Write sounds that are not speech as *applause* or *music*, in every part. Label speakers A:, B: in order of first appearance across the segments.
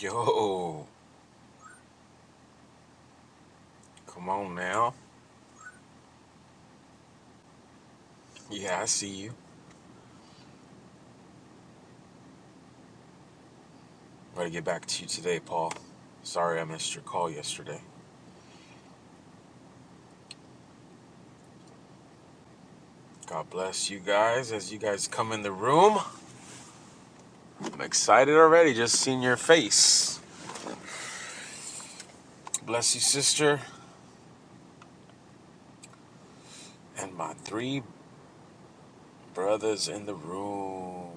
A: Yo, come on now. Yeah, I see you. Gotta get back to you today, Paul. Sorry I missed your call yesterday. God bless you guys as you guys come in the room. I'm excited already just seeing your face. Bless you, sister, and my three brothers in the room.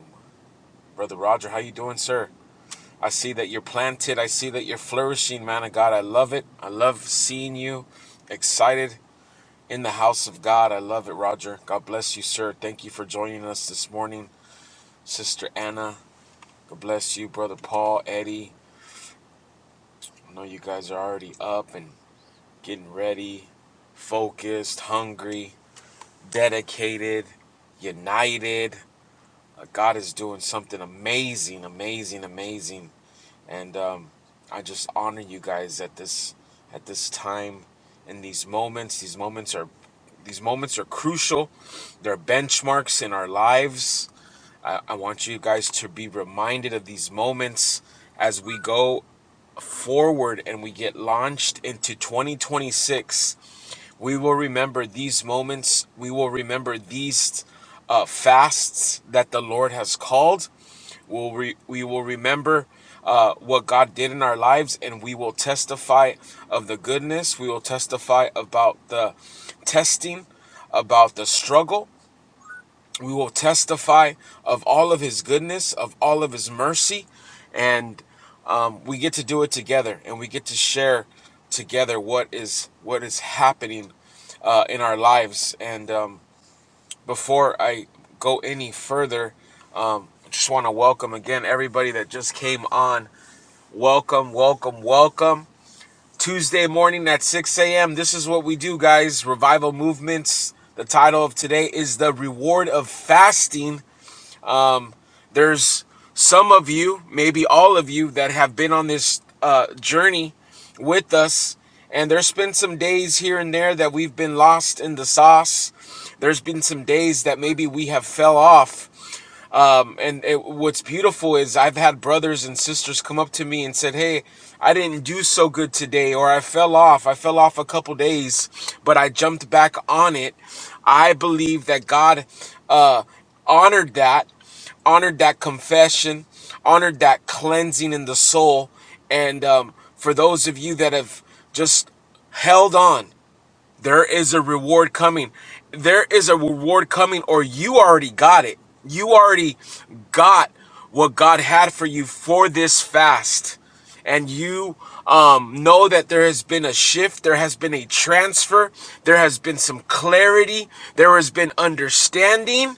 A: Brother Roger, how you doing, sir? I see that you're planted. I see that you're flourishing, man of God. I love it. I love seeing you excited. In the house of God. I love it, Roger. God bless you, sir. Thank you for joining us this morning, Sister Anna. God bless you, Brother Paul, Eddie. I know you guys are already up and getting ready, focused, hungry, dedicated, united. Uh, God is doing something amazing, amazing, amazing. And um, I just honor you guys at this at this time in these moments. These moments are these moments are crucial. They're benchmarks in our lives I, I want you guys to be reminded of these moments as we go forward and we get launched into 2026. We will remember these moments. We will remember these uh, fasts that the Lord has called. We'll re- we will remember uh, what God did in our lives, and we will testify of the goodness. We will testify about the testing, about the struggle we will testify of all of his goodness, of all of his mercy, and um, we get to do it together, and we get to share together what is what is happening uh, in our lives. And um, before I go any further, um, I just want to welcome again everybody that just came on. Welcome, welcome, welcome. Tuesday morning at 6 a.m. This is what we do, guys. Revival movements. The title of today is the reward of fasting um, there's some of you, maybe all of you, that have been on this uh, journey with us. And there's been some days here and there that we've been lost in the sauce. There's been some days that maybe we have fell off. Um, and it, what's beautiful is I've had brothers and sisters come up to me and said, "Hey, I didn't do so good today, or I fell off. I fell off a couple days, but I jumped back on it." I believe that God uh, honored that honored that confession, honored that cleansing in the soul. And um, for those of you that have just held on, there is a reward coming. There is a reward coming, or you already got it. You already got what God had for you for this fast. And you um, know that there has been a shift, there has been a transfer, there has been some clarity, there has been understanding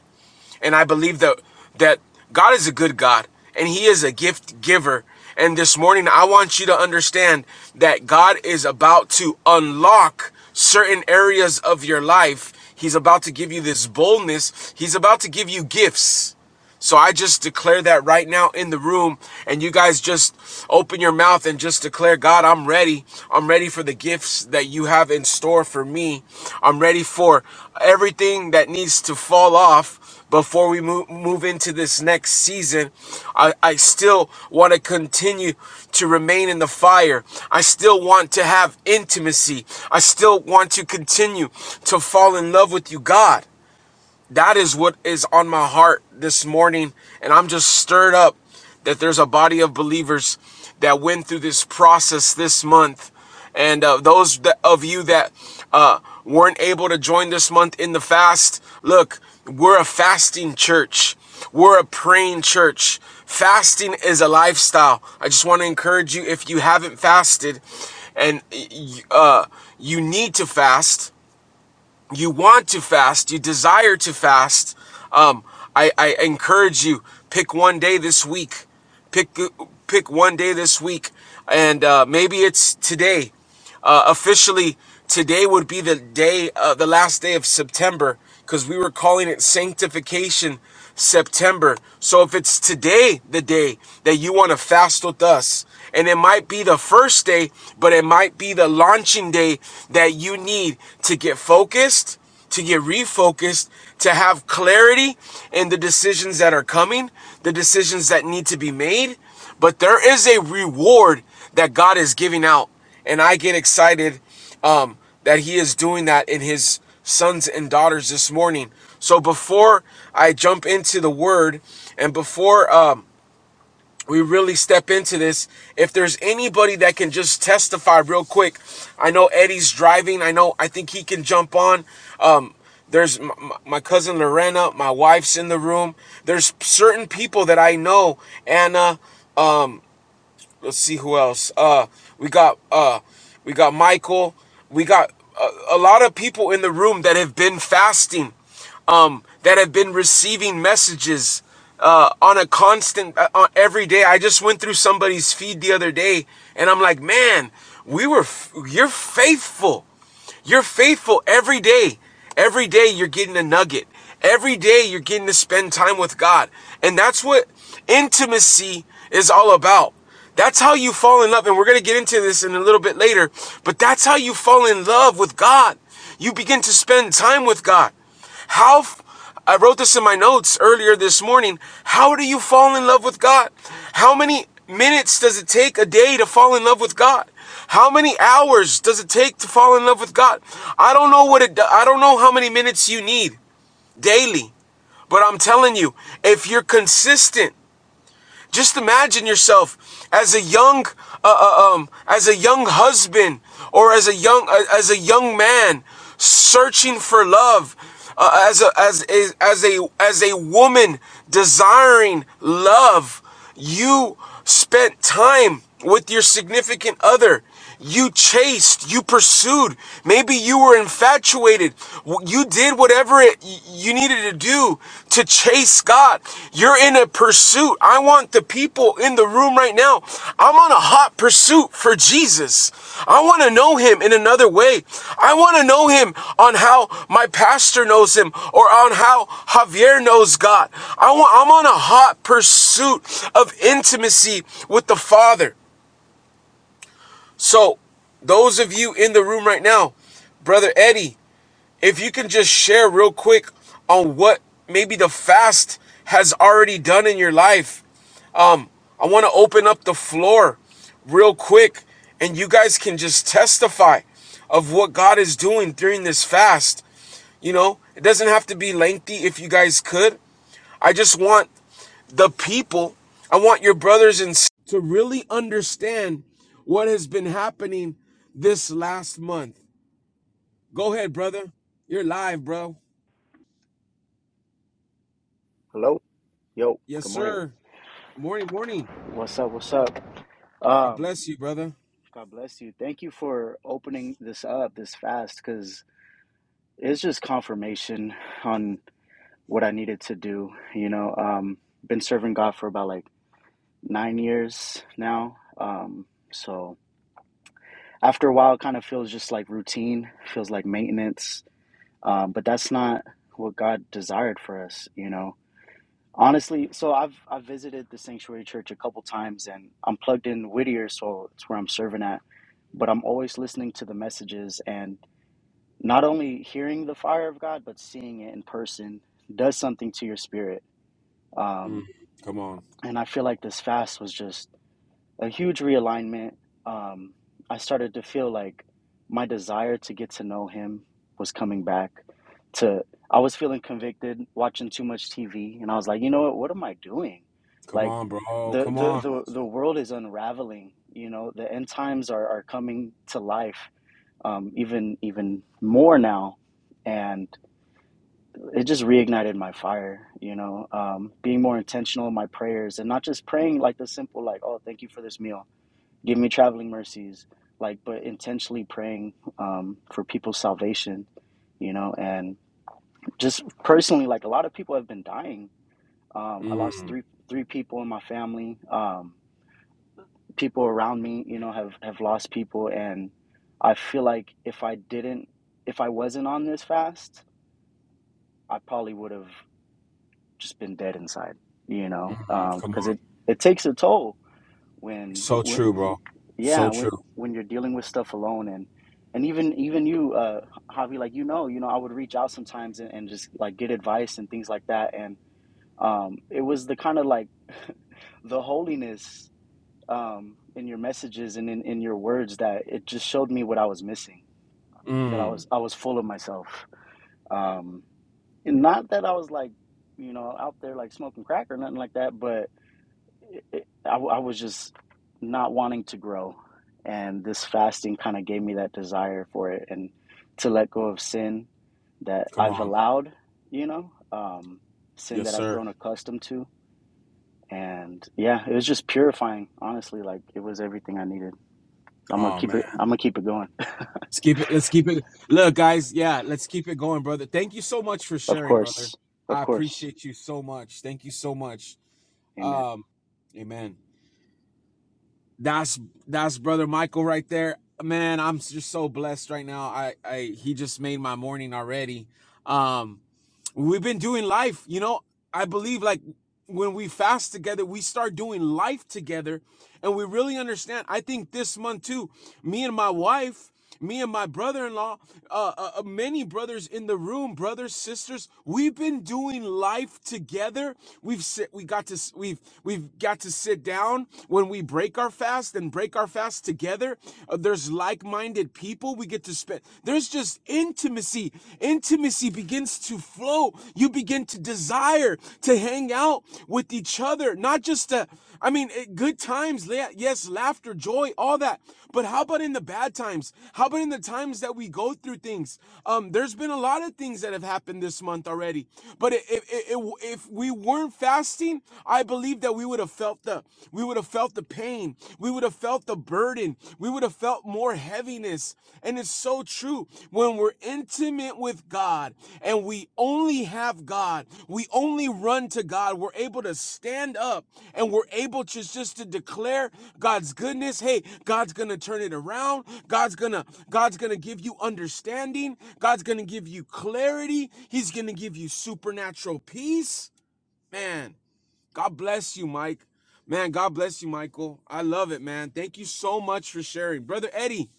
A: and I believe that that God is a good God and he is a gift giver. And this morning I want you to understand that God is about to unlock certain areas of your life. He's about to give you this boldness. He's about to give you gifts. So I just declare that right now in the room, and you guys just open your mouth and just declare, God, I'm ready. I'm ready for the gifts that you have in store for me. I'm ready for everything that needs to fall off before we move, move into this next season. I, I still want to continue to remain in the fire. I still want to have intimacy. I still want to continue to fall in love with you, God that is what is on my heart this morning and i'm just stirred up that there's a body of believers that went through this process this month and uh, those that, of you that uh, weren't able to join this month in the fast look we're a fasting church we're a praying church fasting is a lifestyle i just want to encourage you if you haven't fasted and uh, you need to fast you want to fast, you desire to fast, um, I, I encourage you pick one day this week. Pick pick one day this week, and uh, maybe it's today. Uh, officially, today would be the day, uh, the last day of September, because we were calling it Sanctification September. So if it's today the day that you want to fast with us, and it might be the first day, but it might be the launching day that you need to get focused to get refocused, to have clarity in the decisions that are coming, the decisions that need to be made. But there is a reward that God is giving out and I get excited um, that he is doing that in his sons and daughters this morning. So before I jump into the word, and before um, we really step into this, if there's anybody that can just testify real quick, I know Eddie's driving. I know I think he can jump on. Um, there's my, my cousin Lorena, my wife's in the room. There's certain people that I know, Anna. Let's see who else. Uh, we got uh, we got Michael. We got a, a lot of people in the room that have been fasting, um, that have been receiving messages uh, on a constant, uh, on every day. I just went through somebody's feed the other day, and I'm like, man, we were, f- you're faithful. You're faithful every day. Every day you're getting a nugget. Every day you're getting to spend time with God. And that's what intimacy is all about. That's how you fall in love. And we're going to get into this in a little bit later, but that's how you fall in love with God. You begin to spend time with God. How I wrote this in my notes earlier this morning. How do you fall in love with God? How many minutes does it take a day to fall in love with God? How many hours does it take to fall in love with God? I don't know what it I don't know how many minutes you need daily. But I'm telling you, if you're consistent just imagine yourself as a young, uh, uh, um, as a young husband or as a young, uh, as a young man searching for love, uh, as a, as a, as a, as a woman desiring love. You spent time with your significant other. You chased, you pursued. Maybe you were infatuated. You did whatever it, you needed to do to chase God. You're in a pursuit. I want the people in the room right now. I'm on a hot pursuit for Jesus. I want to know him in another way. I want to know him on how my pastor knows him or on how Javier knows God. I want, I'm on a hot pursuit of intimacy with the Father. So, those of you in the room right now, brother Eddie, if you can just share real quick on what maybe the fast has already done in your life. I want to open up the floor real quick and you guys can just testify of what God is doing during this fast. You know, it doesn't have to be lengthy if you guys could. I just want the people. I want your brothers and s- to really understand what has been happening this last month. Go ahead, brother. You're live, bro.
B: Hello. Yo.
A: Yes,
B: Good morning.
A: sir. Morning, morning.
B: What's up? What's up?
A: I
B: Um,
A: bless you, brother.
B: God bless you. Thank you for opening this up this fast because it's just confirmation on what I needed to do. You know, um, been serving God for about like nine years now. Um, so after a while, it kind of feels just like routine, feels like maintenance. Um, but that's not what God desired for us. You know, Honestly, so I've I've visited the Sanctuary Church a couple times and I'm plugged in Whittier, so it's where I'm serving at. But I'm always listening to the messages and not only hearing the fire of God, but seeing it in person does something to your spirit.
A: Mm,
B: Um,
A: come on.
B: and I feel like this fast was just a huge realignment. Um, I started to feel like my desire to get to know him was coming back. To I was feeling convicted watching too much TV, and I was like, you know what? What am I doing?
A: Come
B: Like
A: on, bro.
B: the
A: Come
B: the
A: on.
B: the the world is unraveling. You know, the end times are are coming to life. Um, even even more now, and it just reignited my fire you know um, being more intentional in my prayers and not just praying like the simple like oh thank you for this meal Give me traveling mercies, like, but intentionally praying um, for people's salvation, you know, and just personally, like, a lot of people have been dying. Um, I lost
A: Mm,
B: three three people in my family. Um, people around me, you know, have have lost people, and I feel like if I didn't, if I wasn't on this fast, I probably would have just been dead inside, you
A: mm,
B: know,
A: come
B: because um,
A: on.
B: it it takes a toll when,
A: So
B: when
A: true, bro. So
B: yeah when,
A: true.
B: when you're dealing with stuff alone and and even even you uh javi like you know you know i would reach out sometimes and, and just like get advice and things like that and um it was the kind of like *laughs* the holiness um in your messages and in, in your words that it just showed me what i was missing that i
A: Mm,
B: was i was full of myself um and not that i was like you know out there like smoking crack or nothing like that but. I I was just not wanting to grow. And this fasting kind of gave me that desire for it and to let go of sin that
A: come
B: I've
A: on.
B: allowed, you know, um, sin
A: Yes,
B: that I've
A: sir.
B: grown accustomed to. And yeah, it was just purifying, honestly. Like it was everything I needed. I'm gonna
A: Oh man.
B: keep it, I'm gonna keep it going. *laughs*
A: Let's keep it. Let's keep it. Look, guys. Yeah, let's keep it going, brother. Thank you so much for
B: Of
A: sharing, brother.
B: course, of
A: I
B: course.
A: appreciate you so much. Thank you so much.
B: Amen.
A: Um, amen. That's that's brother Michael right there. Man, I'm just so blessed right now. I I he just made my morning already. Um, we've been doing life you know i believe like when we fast together we start doing life together and we really understand i think this month too me and my wife me and my brother-in-law uh, uh uh, many brothers in the room brothers sisters we've been doing life together we've sit we got to s- we've we've got to sit down when we break our fast and break our fast together Uh, there's like-minded people we get to spend. There's just intimacy. Intimacy begins to flow. You begin to desire to hang out with each other, not just to, I mean, eh, good times, yes, laughter, joy, all that. But how about in the bad times? How about in the times that we go through things? Um, there's been a lot of things that have happened this month already. But i- i- i- if we weren't fasting, I believe that we would have felt the we would have felt the pain. We would have felt the burden. We would have felt more heaviness. And it's so true. When we're intimate with God and we only have God, we only run to God, we're able to stand up and we're able to just to declare God's goodness. Hey, God's going to turn it around. God's going to God's going to give you understanding. God's going to give you clarity. He's going to give you supernatural peace. Man, God bless you, Mike. Man, God bless you, Michael. I love it, man. Thank you so much for sharing. Brother Eddie,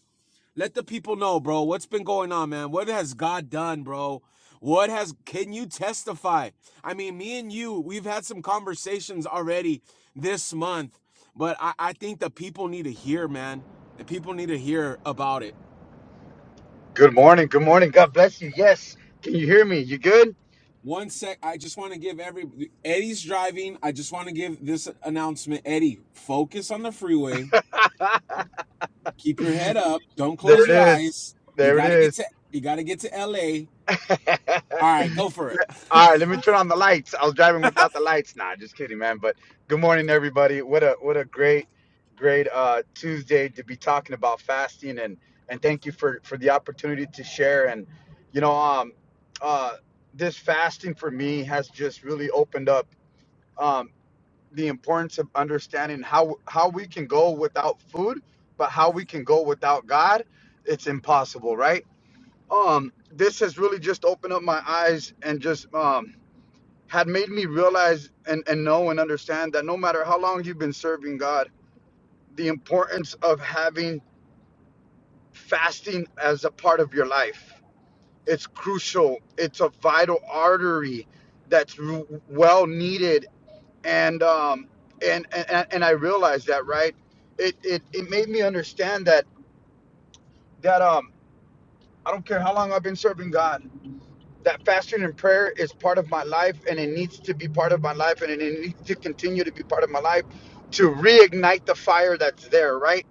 A: let the people know, bro, what's been going on, man? What has God done, bro? What has can you testify? I mean, me and you, we've had some conversations already this month, but I, I think the people need to hear, man. The people need to hear about it.
C: Good morning. Good morning. God bless you. Yes. Can you hear me? You good?
A: One sec, I just want to give every Eddie's driving. I just want to give this announcement. Eddie, focus on the freeway
C: *laughs*
A: keep your head up. Don't
C: There
A: close
C: it
A: your
C: is.
A: eyes. You
C: There it
A: gotta get
C: is.
A: to you gotta get to LA.
C: *laughs* All
A: All right, go for it.
C: right, let me turn on the lights. I was driving without the lights. Nah, just kidding, man. But good morning, everybody. What a what a great, great uh, Tuesday to be talking about fasting and and thank you for for the opportunity to share. And you know, um, uh, this fasting for me has just really opened up. um, the importance of understanding how how we can go without food, but how we can go without God, it's impossible, right? Um, this has really just opened up my eyes and just um had made me realize and, and know and understand that no matter how long you've been serving God, the importance of having fasting as a part of your life. It's crucial. It's a vital artery that's well needed and um and and, and I realized that right it, it it made me understand that that um I don't care how long I've been serving God that fasting and prayer is part of my life and it needs to be part of my life and it needs to continue to be part of my life to reignite the fire that's there right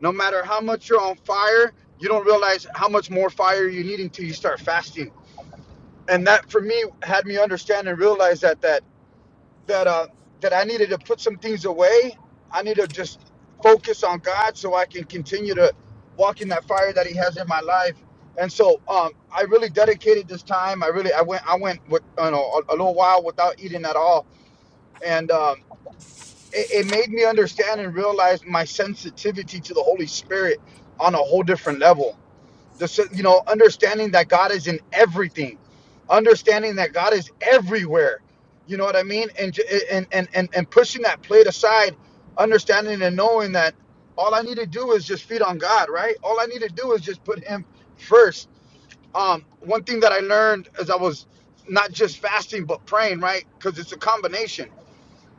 C: no matter how much you're on fire you don't realize how much more fire you need until you start fasting and that for me had me understand and realize that that that uh that I needed to put some things away. I need to just focus on God so I can continue to walk in that fire that He has in my life. And so um I really dedicated this time. I really I went I went with you know a, a little while without eating at all, and um, it, it made me understand and realize my sensitivity to the Holy Spirit on a whole different level the you know, understanding that God is in everything, understanding that God is everywhere. You know what I mean? And and and and, and pushing that plate aside, understanding and knowing that all I need to do is just feed on God, right? All I need to do is just put Him first. Um, one thing that I learned as I was not just fasting but praying, right? Because it's a combination.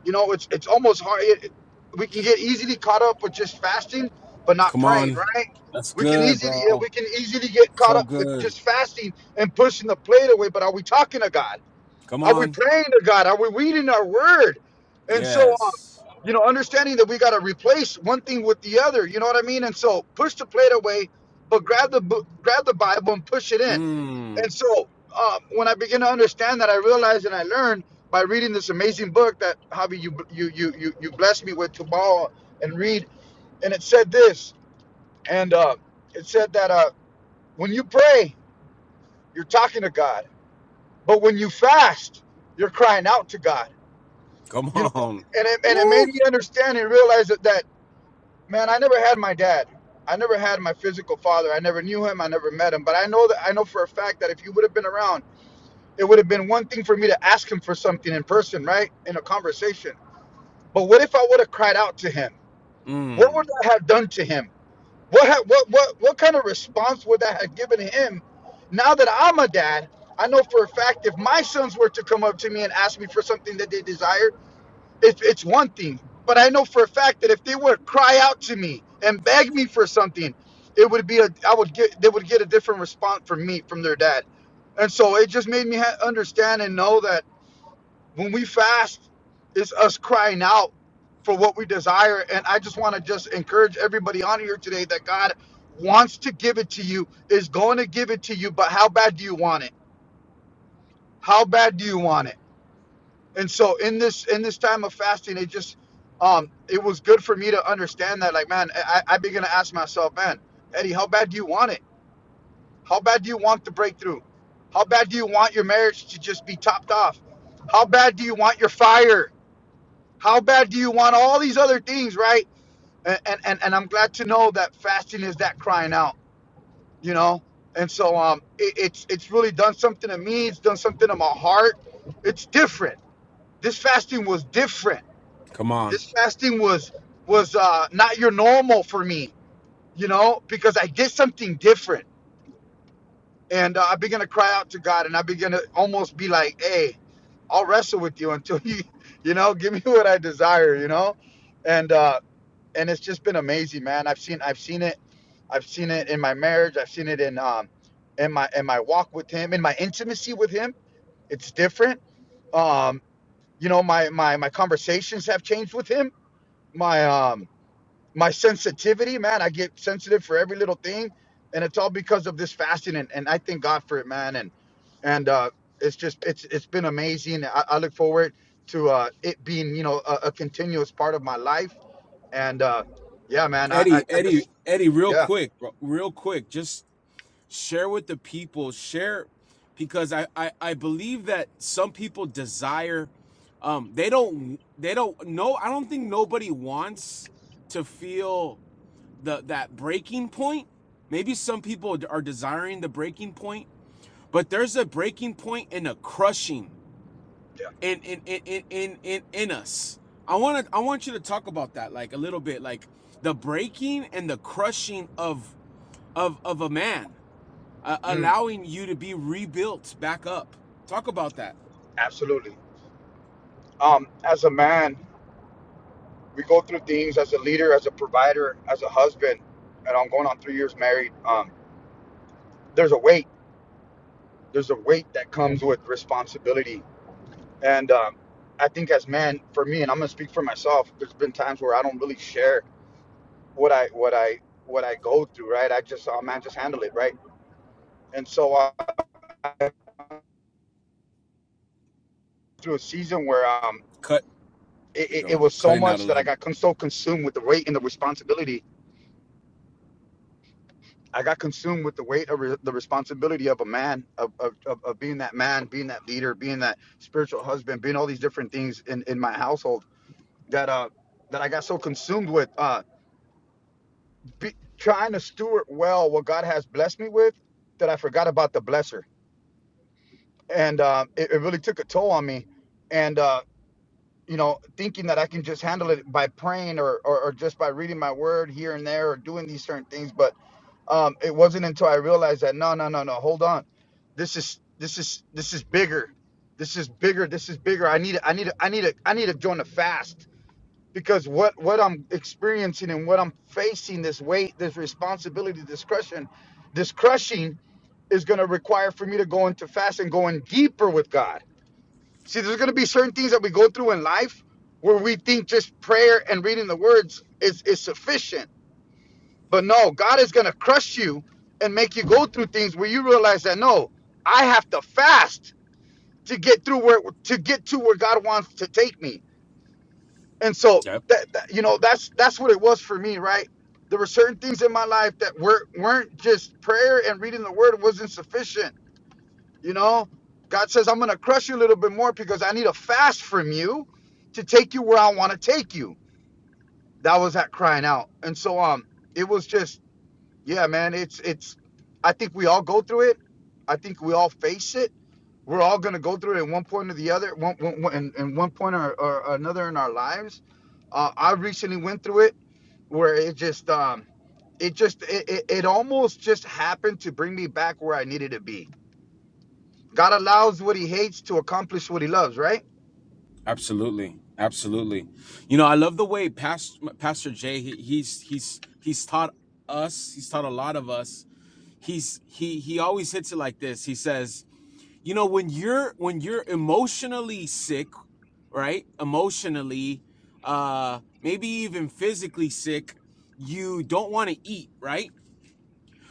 C: You know, it's it's almost hard. It, it- we can get easily caught up with just fasting, but not
A: Come
C: praying,
A: on.
C: right?
A: That's
C: We can
A: good,
C: easily yeah,
A: bro.
C: we can easily get caught
A: So
C: up with
A: good.
C: just fasting and pushing the plate away. But are we talking to God?
A: Come
C: Are we
A: on.
C: praying to God? Are we reading our Word? And so, um,
A: Yes.
C: you know, understanding that we got to replace one thing with the other. You know what I mean? And so, push the plate away, but grab the bu- grab the Bible and push it in. And
A: Mmm.
C: so um, when I begin to understand that, I realized and I learned by reading this amazing book that Javi you you you you, you blessed me with to borrow and read. And it said this, and uh, it said that uh, when you pray, you're talking to God, but when you fast, you're crying out to God.
A: Come
C: You know,
A: on.
C: and it, and it made
A: Woo.
C: me understand and realize that that man, I never had my dad. I never had my physical father. I never knew him. I never met him. But I know that I know for a fact that if you would have been around it would have been one thing for me to ask him for something in person, right? In a conversation. But what if I would have cried out to him? What
A: Mmm.
C: would that have done to him? What ha- what what what kind of response would that have given him? Now that I'm a dad, I know for a fact if my sons were to come up to me and ask me for something that they desired, it, it's one thing. But I know for a fact that if they would cry out to me and beg me for something, it would be a I would get they would get a different response from me from their dad. And so it just made me ha- understand and know that when we fast, it's us crying out for what we desire. And I just want to just encourage everybody on here today that God wants to give it to you, is going to give it to you, but how bad do you want it? How bad do you want it? And so in this in this time of fasting, it just um it was good for me to understand that like man, I, I began to ask myself, man, Eddie, how bad do you want it? How bad do you want the breakthrough? How bad do you want your marriage to just be topped off? How bad do you want your fire? How bad do you want all these other things, right? And and and I'm glad to know that fasting is that crying out, you know. And so um, it, it's it's really done something to me. It's done something to my heart. It's different. This fasting was different.
A: Come on.
C: This fasting was was uh, not your normal for me, you know, because I did something different, and uh, I began to cry out to God, and I began to almost be like, hey, I'll wrestle with you until *laughs* you, you know, give me what I desire, you know. And uh, and it's just been amazing, man. I've seen I've seen it, I've seen it in my marriage. I've seen it in um in my in my walk with him, in my intimacy with him. It's different. Um, you know, my my my conversations have changed with him. My um my sensitivity, man. I get sensitive for every little thing, and it's all because of this fasting. And, and I thank God for it, man. And and uh, it's just it's it's been amazing. I, I look forward to uh, it being you know a, a continuous part of my life. And uh, yeah, man, I, I
A: Eddie,
C: I just
A: Eddie, Eddie, real
C: yeah,
A: quick, bro. Real quick. Just share with the people share because I, I i believe that some people desire um they don't they don't know i don't think nobody wants to feel the that breaking point maybe some people are desiring the breaking point but there's a breaking point and a crushing
C: yeah,
A: in in in in in, in, in us i want to i want you to talk about that like a little bit like the breaking and the crushing of of of a man uh,
C: mm,
A: allowing you to be rebuilt back up. Talk about that.
C: absolutely. Um, as a man, we go through things as a leader, as a provider, as a husband, and I'm going on three years married. Um, there's a weight. There's a weight that comes with responsibility, and um, I think as man, for me, and I'm gonna speak for myself. There's been times where I don't really share what I what I what I go through. Right? I just, oh man, just handle it. Right? And so I, I went through a season where um,
A: Cut.
C: it,
A: There we
C: it, it
A: go.
C: was so
A: Cutting out a
C: much that I
A: little.
C: got con- so consumed with the weight and the responsibility I got consumed with the weight of re- the responsibility of a man, of, of, of, of being that man, being that leader, being that spiritual husband, being all these different things in, in my household that uh that I got so consumed with uh be, trying to steward well what God has blessed me with that I forgot about the blesser, and uh, it, it really took a toll on me, and uh, you know thinking that I can just handle it by praying or, or or just by reading my word here and there or doing these certain things, but Um, it wasn't until I realized that no, no, no, no, hold on, this is this is this is bigger, this is bigger, this is bigger. I need I need I need to I need to join a fast because what what I'm experiencing and what I'm facing this weight, this responsibility, this crushing, this crushing is going to require for me to go into fast and going deeper with God. See, there's going to be certain things that we go through in life where we think just prayer and reading the words is is sufficient but no, God is going to crush you and make you go through things where you realize that no, I have to fast to get through where to get to where God wants to take me. And so
A: Yep.
C: that, that- you know that's that's what it was for me, right? There were certain things in my life that were weren't just prayer and reading the word wasn't sufficient, you know? God says I'm going to crush you a little bit more because I need a fast from you to take you where I want to take you. That was that crying out. And so um it was just Yeah, man, it's it's I think we all go through it. I think we all face it. We're all gonna go through it at one point or the other, one, one, one and, and one point or, or another in our lives. Uh, I recently went through it where it just um it just it, it, it almost just happened to bring me back where I needed to be. God allows what he hates to accomplish what he loves, right?
A: Absolutely. Absolutely. You know, I love the way Pastor, Pastor Jay. He, he's he's he's taught us. He's taught a lot of us. He's he he always hits it like this. He says, you know, when you're when you're emotionally sick, right? Emotionally, uh, maybe even physically sick. You don't want to eat, right?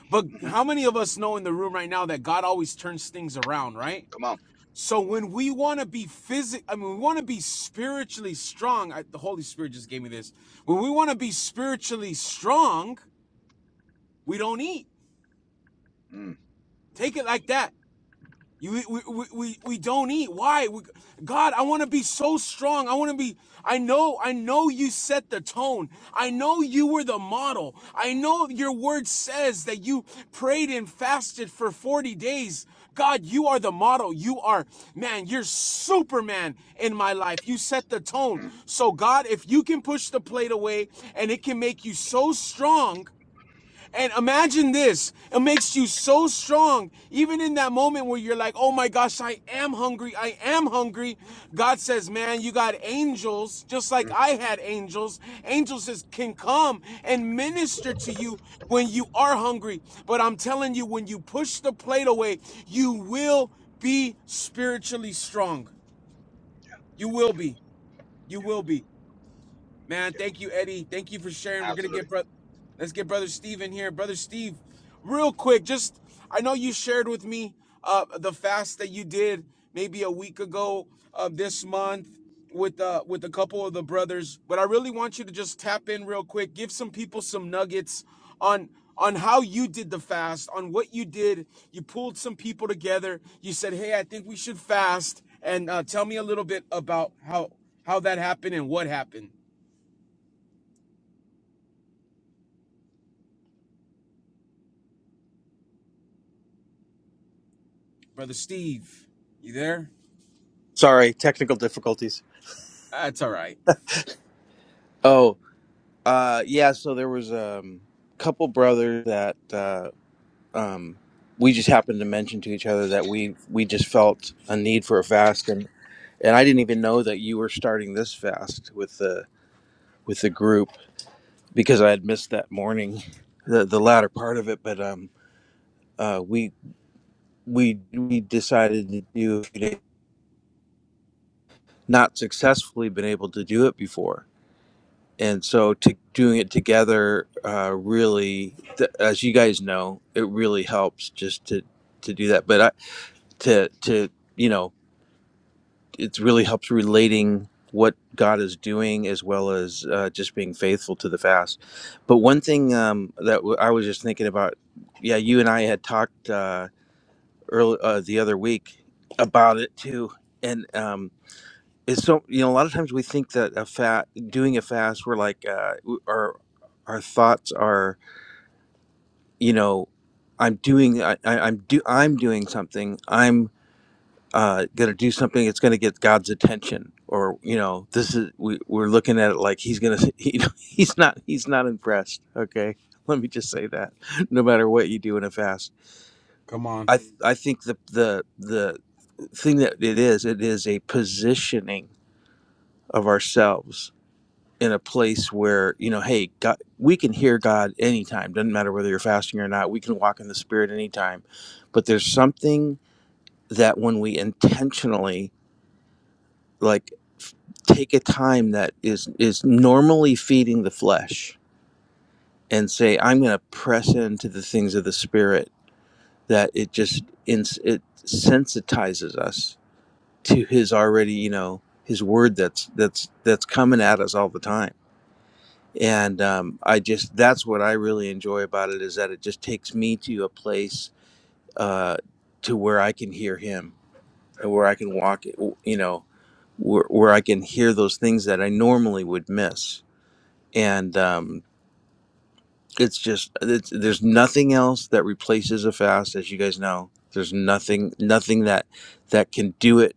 A: But
C: hmm
A: how many of us know in the room right now that God always turns things around, right?
C: Come on.
A: So when we want to be physic, I mean, we want to be spiritually strong. I, the Holy Spirit just gave me this. When we want to be spiritually strong, we don't eat.
C: Mm,
A: Take it like that. You, we, we, we, we don't eat. Why? We, God, I want to be so strong. I want to be, I know, I know you set the tone. I know you were the model. I know your word says that you prayed and fasted for 40 days. God, you are the model. You are, man, you're Superman in my life. You set the tone. So, God, if you can push the plate away and it can make you so strong, and imagine this. It makes you so strong. Even in that moment where you're like, oh my gosh, I am hungry. I am hungry. God says, man, you got angels, just like
C: mm,
A: I had angels. Angels is, can come and minister to you when you are hungry. But I'm telling you, when you push the plate away, you will be spiritually strong. You will be. You will be. Man,
C: yeah,
A: thank you, Eddie. Thank you for sharing. We're gonna
C: absolutely.
A: get bro- let's get brother Steve in here. Brother Steve, real quick, just I know you shared with me uh the fast that you did maybe a week ago uh, this month with uh with a couple of the brothers, but I really want you to just tap in real quick, give some people some nuggets on on how you did the fast, on what you did. You pulled some people together. You said, "Hey, I think we should fast," and uh, tell me a little bit about how how that happened and what happened. Brother Steve, you there?
D: Sorry, technical difficulties.
A: That's all right.
D: Oh, uh, yeah. So there was a um, couple brothers that uh, um, we just happened to mention to each other that we we just felt a need for a fast, and and I didn't even know that you were starting this fast with the with the group because I had missed that morning, *laughs* the the latter part of it. But um, uh, we we we decided to do it. Not successfully been able to do it before, and so to doing it together uh, really th- as you guys know it really helps just to to do that but i to to you know it really helps relating what god is doing as well as uh, just being faithful to the fast but one thing um, that w- i was just thinking about yeah you and i had talked uh, earl uh, the other week about it too and um, it's so you know a lot of times we think that a fat doing a fast we're like uh w- our our thoughts are you know i'm doing I, I, i'm do i'm doing something i'm uh gonna do something it's gonna get god's attention or you know this is we, we're looking at it like he's gonna *laughs* you know he's not he's not impressed okay let me just say that *laughs* no matter what you do in a fast
A: Come on.
D: i th- i think the the the thing that it is it is a positioning of ourselves in a place where you know hey god we can hear god anytime doesn't matter whether you're fasting or not we can walk in the spirit anytime but there's something that when we intentionally like f- take a time that is is normally feeding the flesh and say i'm going to press into the things of the spirit that it just ins it sensitizes us to his already you know his word that's that's that's coming at us all the time and um, i just that's what i really enjoy about it is that it just takes me to a place uh, to where i can hear him and where i can walk you know where, where i can hear those things that i normally would miss and um, it's just it's, there's nothing else that replaces a fast as you guys know there's nothing nothing that that can do it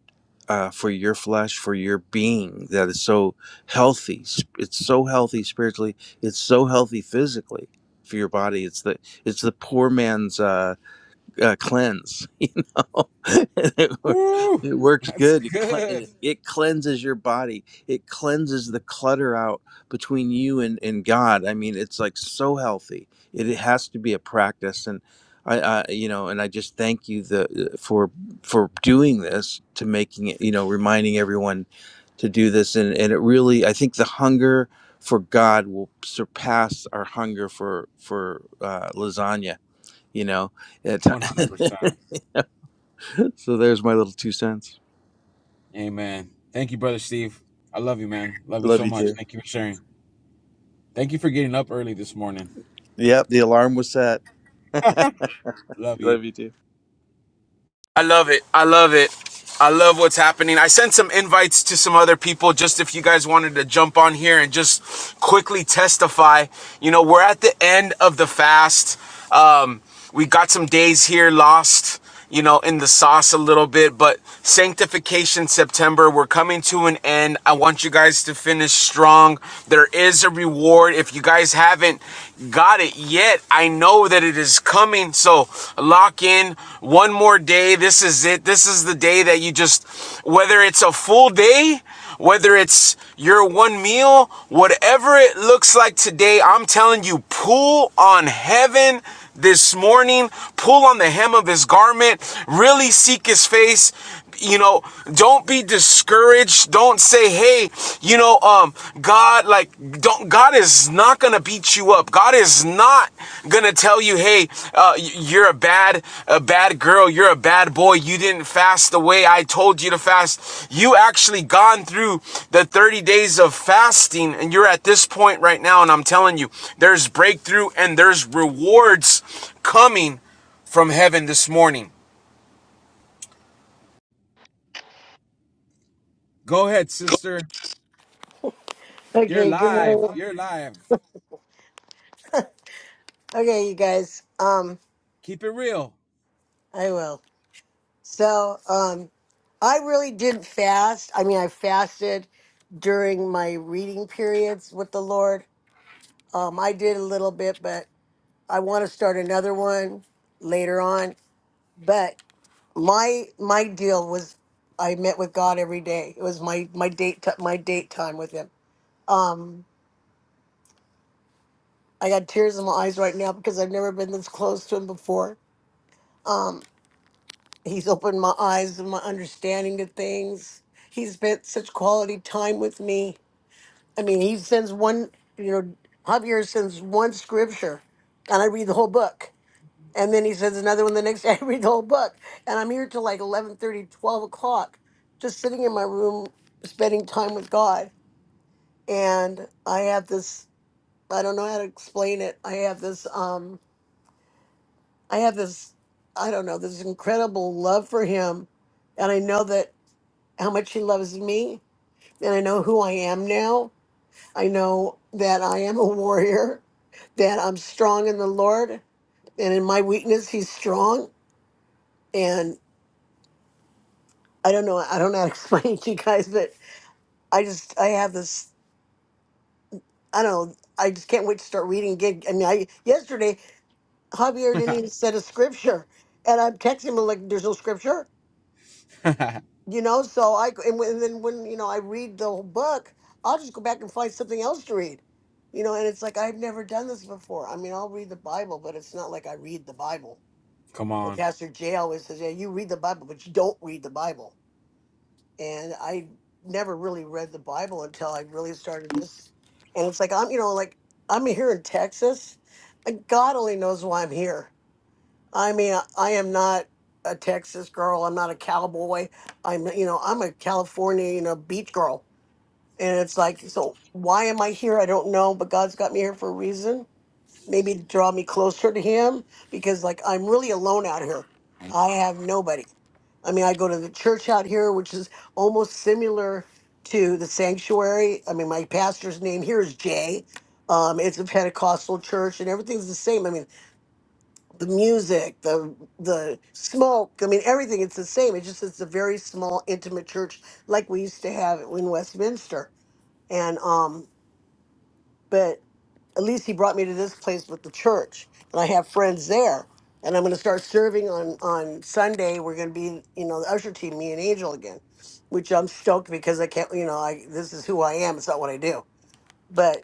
D: uh, for your flesh for your being that is so healthy s- it's so healthy spiritually it's so healthy physically for your body it's the it's the poor man's uh, uh, cleanse. *laughs* You know, *laughs* And it, wor-
A: Woo!
D: it
A: *laughs*
D: works
A: That's
D: good. It, cle-
A: good.
D: and it it cleanses your body. It cleanses the clutter out between you and and God. I mean, it's like so healthy. It, it has to be a practice, and I, I you know, and I just thank you the for for doing this to making it. You know, reminding everyone to do this, and and it really, I think the hunger for God will surpass our hunger for for uh, lasagna you know at ti-
A: 100%.
D: *laughs* so there's my little two cents
A: Amen. Thank you, Brother Steve. I love you, man. Love you
D: love
A: so
D: you
A: much.
D: too
A: Thank you for sharing. Thank you for getting up early this morning.
D: yep the alarm was set *laughs*
A: Love you.
D: love you too
A: I love it. I love it. I love what's happening. I sent some invites to some other people just if you guys wanted to jump on here and just quickly testify. You know, we're at the end of the fast. Um, we got some days here lost, you know, in the sauce a little bit, but sanctification September, we're coming to an end. I want you guys to finish strong. There is a reward. If you guys haven't got it yet. I know that it is coming. So lock in one more day. This is it. This is the day that you just, whether it's a full day, whether it's your one meal, whatever it looks like today, I'm telling you, pull on heaven this morning, pull on the hem of his garment, really seek his face you know don't be discouraged don't say hey you know um god like don't god is not gonna beat you up god is not gonna tell you hey uh you're a bad a bad girl you're a bad boy you didn't fast the way i told you to fast you actually gone through the 30 days of fasting and you're at this point right now and i'm telling you there's breakthrough and there's rewards coming from heaven this morning go ahead sister You're
E: Okay, give me.
A: live.
E: a-
A: You're live.
E: Okay, you guys. Um,
A: Keep it real.
E: I will. So, um, I really didn't fast. I mean, I fasted during my reading periods with the Lord. Um, I did a little bit, but I want to start another one later on. But my my deal was, I met with God every day. It was my my date t- my date time with Him. Um, I got tears in my eyes right now because I've never been this close to Him before. Um. He's opened my eyes and my understanding to things. He's spent such quality time with me. I mean, he sends one, you know, Javier sends one scripture and I read the whole book. And then he sends another one the next day. *laughs* I read the whole book. And I'm here till like eleven thirty, twelve o'clock, just sitting in my room, spending time with God. And I have this, I don't know how to explain it. I have this, um, I have this, I don't know, this incredible love for him. And I know that how much he loves me. And I know who I am now. I know that I am a warrior, that I'm strong in the Lord. And in my weakness, he's strong. And I don't know, I don't know how to *laughs* explain it to you guys, but I just, I have this, I don't know, I just can't wait to start reading. Get- I mean, I yesterday, Javier didn't even set a scripture. And I'm texting him, like, there's no scripture. you know so i and, when, and then when you know i read the whole book i'll just go back and find something else to read you know and it's like i've never done this before i mean i'll read the bible but it's not like i read the bible
A: Come
E: but
A: on.
E: pastor jay always says yeah you read the bible but you don't read the bible and i never really read the bible until i really started this and it's like i'm you know like i'm here in texas and god only knows why i'm here I mean, I I am not a Texas girl. I'm not a cowboy. I'm, you know, I'm a California, you know, beach girl. And it's like, so why am I here? I don't know, but God's got me here for a reason. Maybe to draw me closer to Him because, like, I'm really alone out here. I have nobody. I mean, I go to the church out here, which is almost similar to the sanctuary. I mean, my pastor's name here is Jay. Um, it's a Pentecostal church, and everything's the same. I mean, the music, the the smoke. I mean, everything. It's the same. It's just it's a very small, intimate church like we used to have in Westminster. And um, but at least he brought me to this place with the church, and I have friends there. And I'm going to start serving on on Sunday. We're going to be, you know, the usher team, me and Angel again, which I'm stoked because I can't, you know, I this is who I am. It's not what I do, but.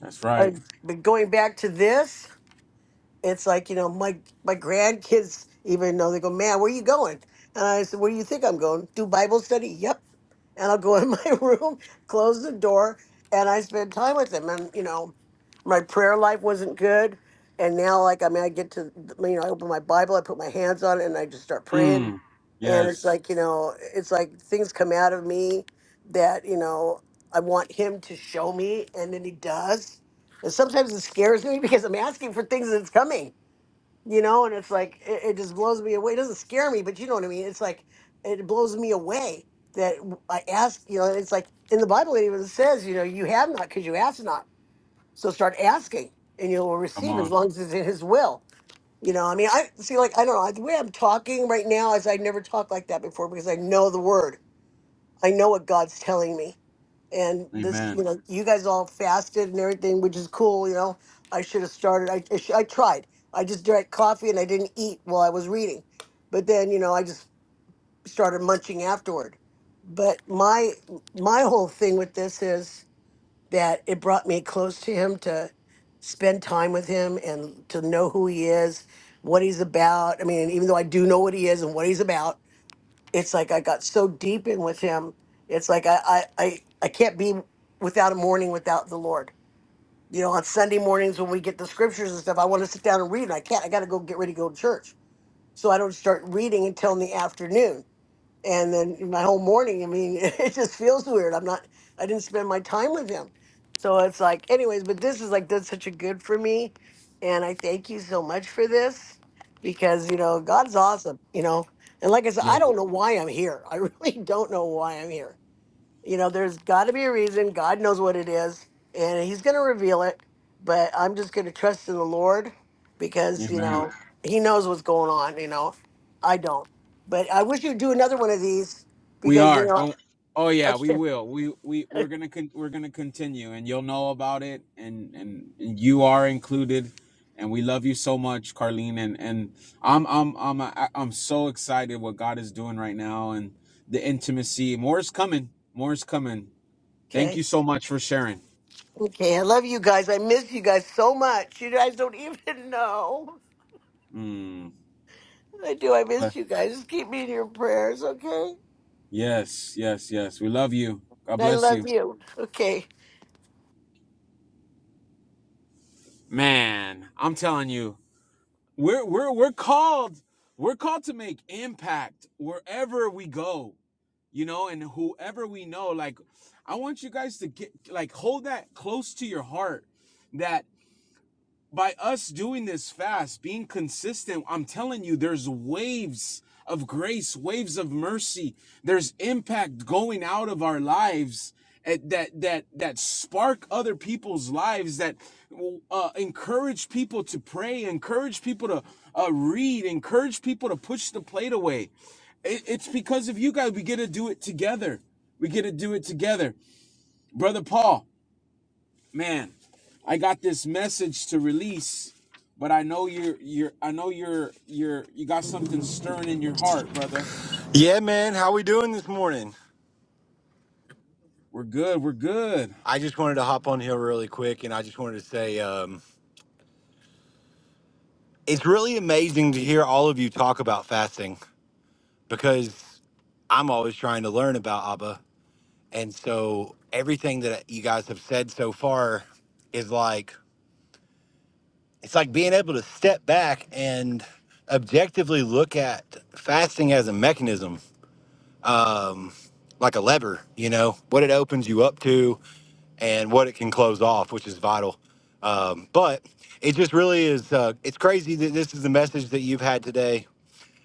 A: That's
E: I,
A: right.
E: but going back to this, it's like you know my my grandkids even know they go man where you going and i said where do you think i'm going do bible study yep and i'll go in *laughs* my room close the door and i spend time with them and you know my prayer life wasn't good and now like i mean i get to you know i open my bible i put my hands on it and i just start praying
A: Mm.
E: Mm. and it's
A: Yes.
E: like you know it's like things come out of me that you know i want him to show me and then he does and sometimes it scares me *laughs* because I'm asking for things that's coming, you know, and it's like it, it just blows me away. It doesn't scare me, but you know what I mean. It's like it blows me away that w- I ask, you know, it's like in the Bible it even says, you know, you have not because you ask not. So start asking and you'll
A: Come
E: receive as
A: on.
E: long as it's in his will. You know, I mean, I see, like, I don't know, the way I'm talking right now is I never talked like that before because I know the word. I know what God's telling me and this you
A: Amen.
E: know you guys all fasted and everything which is cool you know i should have started i, I, sh- I tried i just drank coffee and i didn't eat while i was reading but then you know i just started munching afterward but my my whole thing with this is that it brought me close to him to spend time with him and to know who he is what he's about i mean even though i do know what he is and what he's about it's like I got so deep in with him. It's like I I I, I can't be without a morning without the Lord. You know, on Sunday mornings when we get the scriptures and stuff, I want to sit down and read, and I can't. I got to go get ready to go to church, so I don't start reading until in the afternoon and then my whole morning i mean *laughs* it just feels weird i'm not i didn't spend my time with him so it's like anyways but this is like that's such a good for me and i thank you so much for this because you know god's awesome you know and like i said
A: You're
E: i
A: w-
E: don't know why i'm here i *laughs* really don't know why i'm here you know, there's got to be a reason. God knows what it is, and He's going to reveal it. But I'm just going to trust in the Lord because, you know,
A: Amen.
E: Amen. He knows what's going on. You know, I don't. But I wish you'd do another one of these
A: We
E: because, you
A: are.
E: know,
A: Don't Oh
E: *laughs*
A: yeah, we
E: okay.
A: will. We we we're going to con- we're going to continue and you'll know about it and and and you are included and we love you so much, Carlene and and I'm I'm I'm I- I'm so excited what God is doing right now and the intimacy. More is coming. More is coming. Thank you
E: Okay.
A: so much for sharing.
E: Okay. I love you guys. I miss you guys so much. You guys don't *laughs* even know.
A: Mm.
E: I do. I miss you guys. Just keep me in your prayers, okay?
A: Yes, yes, yes. We love you. God
E: I
A: bless
E: love
A: you.
E: you. Okay.
A: Man, I'm telling you, we're we're we're called we're called to make impact wherever we go, you know, and whoever we know. Like I want you guys to get like hold that close to your heart that. by us doing this fast, being consistent, I'm telling you, there's waves of grace, waves of mercy. There's impact going out of our lives at- that that that spark other people's lives, that uh, encourage people to pray, encourage people to uh, read, encourage people to push the plate away. It- it's because of you guys. We get to do it together. We get to do it together, brother Paul man, I got this message to release, but I know you're you're I know you're you're you got something stirring in your heart, brother.
F: Yeah, man. How we doing this morning?
A: We're good, we're good.
F: I just wanted to hop on here really quick, and I just wanted to say um, it's really amazing to hear all of you talk about fasting because I'm always trying to learn about Abba, and so everything that you guys have said so far is like it's like being able to step back and objectively look at fasting as a mechanism, um, like a lever. You know what it opens you up to, and what it can close off, which is vital. Um, but it just really is. Uh, it's crazy that this is the message that you've had today.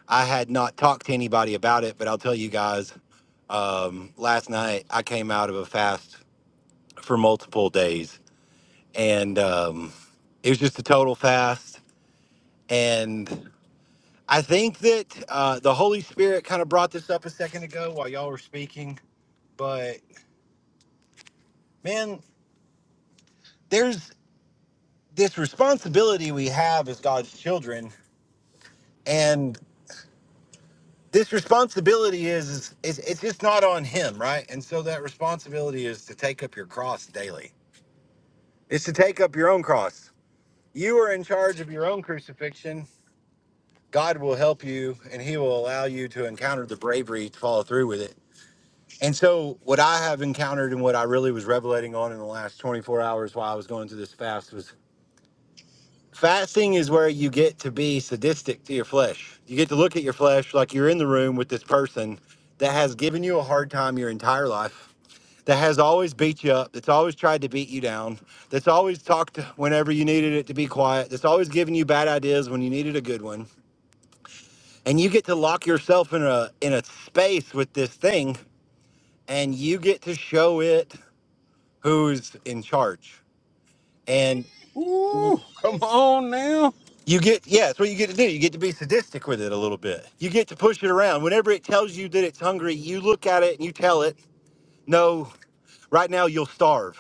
F: I had not talked to anybody about it, but I'll tell you guys. Um, last night I came out of a fast for multiple days, and um, it was just a total fast. And I think that uh, the Holy Spirit kind of brought this up a second ago while y'all were speaking. But man, there's this responsibility we have as God's children and this responsibility is, is it's, it's just not on him right and so that responsibility is to take up your cross daily it's to take up your own cross you are in charge of your own crucifixion god will help you and he will allow you to encounter the bravery to follow through with it and so what i have encountered and what i really was revelating on in the last 24 hours while i was going through this fast was Fasting is where you get to be sadistic to your flesh. You get to look at your flesh like you're in the room with this person that has given you a hard time your entire life, that has always beat you up, that's always tried to beat you down, that's always talked whenever you needed it to be quiet, that's always given you bad ideas when you needed a good one. And you get to lock yourself in a in a space with this thing and you get to show it who's in charge. and
A: Ooh, come on now.
F: You get, yeah, that's what you get to do. You get to be sadistic with it a little bit. You get to push it around. Whenever it tells you that it's hungry, you look at it and you tell it, no, right now you'll starve.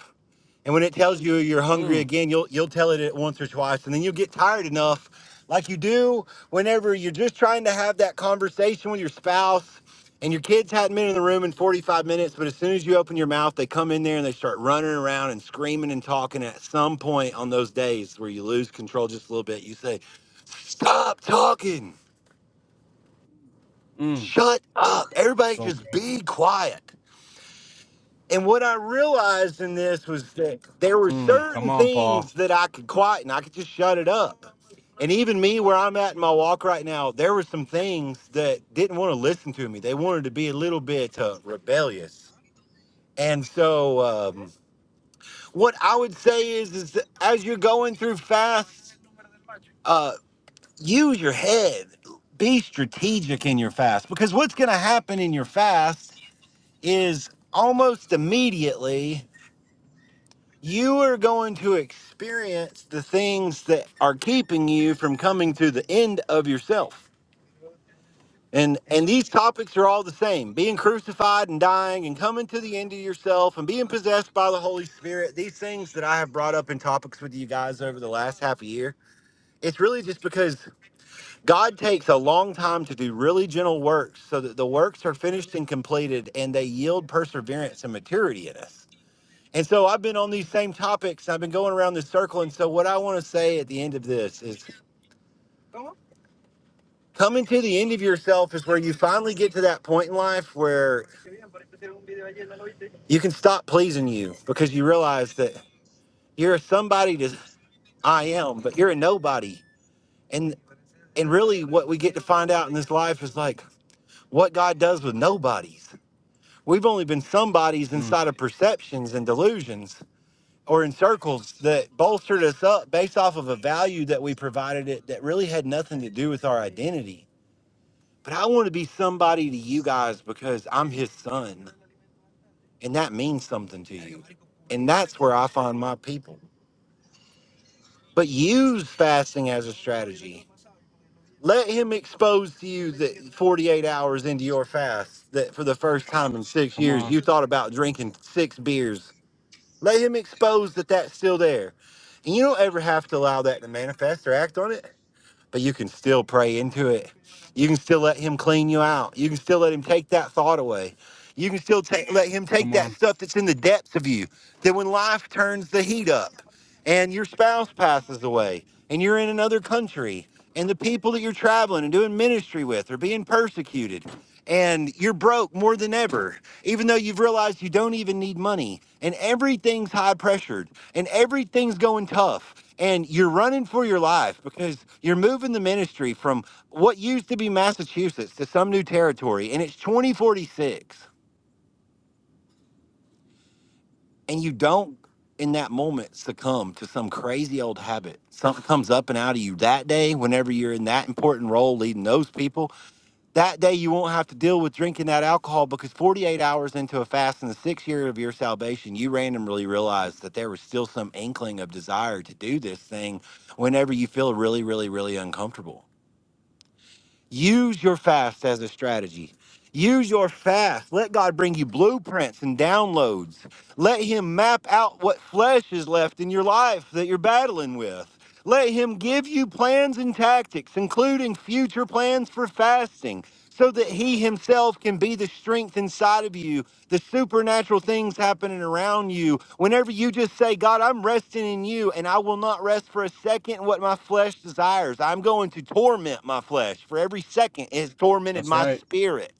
F: And when it tells you you're hungry
A: Mm,
F: again, you'll you'll tell it it once or twice, and then you'll get tired enough, like you do whenever you're just trying to have that conversation with your spouse, and your kids hadn't been in the room in 45 minutes, but as soon as you open your mouth, they come in there and they start running around and screaming and talking. At some point on those days where you lose control just a little bit, you say, Stop talking.
A: mm.
F: Shut up. Everybody
A: So
F: just
A: good.
F: be quiet. And what I realized in this was that there were
A: Mm, come
F: certain
A: on, Paul.
F: things that I could quieten. I could just shut it up. And even me, where I'm at in my walk right now, there were some things that didn't want to listen to me. They wanted to be a little bit uh, rebellious. And so, um, what I would say is, is that as you're going through fast. use your head be strategic in your fast because what's going to happen in your fast is almost immediately you are going to experience the things that are keeping you from coming to the end of yourself and and these topics are all the same being crucified and dying and coming to the end of yourself and being possessed by the holy spirit these things that i have brought up in topics with you guys over the last half a year it's really just because God takes a long time to do really gentle works so that the works are finished and completed and they yield perseverance and maturity in us. And so I've been on these same topics. I've been going around this circle. And so, what I want to say at the end of this is coming to the end of yourself is where you finally get to that point in life where you can stop pleasing you because you realize that you're a somebody to I am, but you're a nobody. And and really what we get to find out in this life is like what God does with nobodies. We've only been somebodies
A: Mm,
F: inside of perceptions and delusions or in circles that bolstered us up based off of a value that we provided it that really had nothing to do with our identity. But I want to be somebody to you guys because I'm his son and that means something to you. And that's where I find my people. But use fasting as a strategy. Let him expose to you that 48 hours into your fast, that for the first time in six
A: come
F: years,
A: on,
F: you thought about drinking six beers Let him expose that that's still there. And you don't ever have to allow that to manifest or act on it, but you can still pray into it. You can still let him clean you out. You can still let him take that thought away. You can still take, let him take
A: come
F: that
A: on.
F: stuff that's in the depths of you. That when life turns the heat up and your spouse passes away and you're in another country and the people that you're traveling and doing ministry with are being persecuted and you're broke more than ever even though you've realized you don't even need money and everything's high pressured and everything's going tough and you're running for your life because you're moving the ministry from what used to be Massachusetts to some new territory and it's 2046 and you don't in that moment succumb to some crazy old habit something comes up and out of you that day whenever you're in that important role leading those people that day you won't have to deal with drinking that alcohol because 48 hours into a fast in the sixth year of your salvation you randomly realized that there was still some inkling of desire to do this thing whenever you feel really really really uncomfortable Use your fast as a strategy. Use your fast. Let God bring you blueprints and downloads. Let Him map out what flesh is left in your life that you're battling with. Let Him give you plans and tactics, including future plans for fasting, so that He Himself can be the strength inside of you the supernatural things happening around you. Whenever you just say, God, I'm resting in you and I will not rest for a second in what my flesh desires, I'm going to torment my flesh for every second it has tormented
A: That's
F: my
A: right.
F: spirit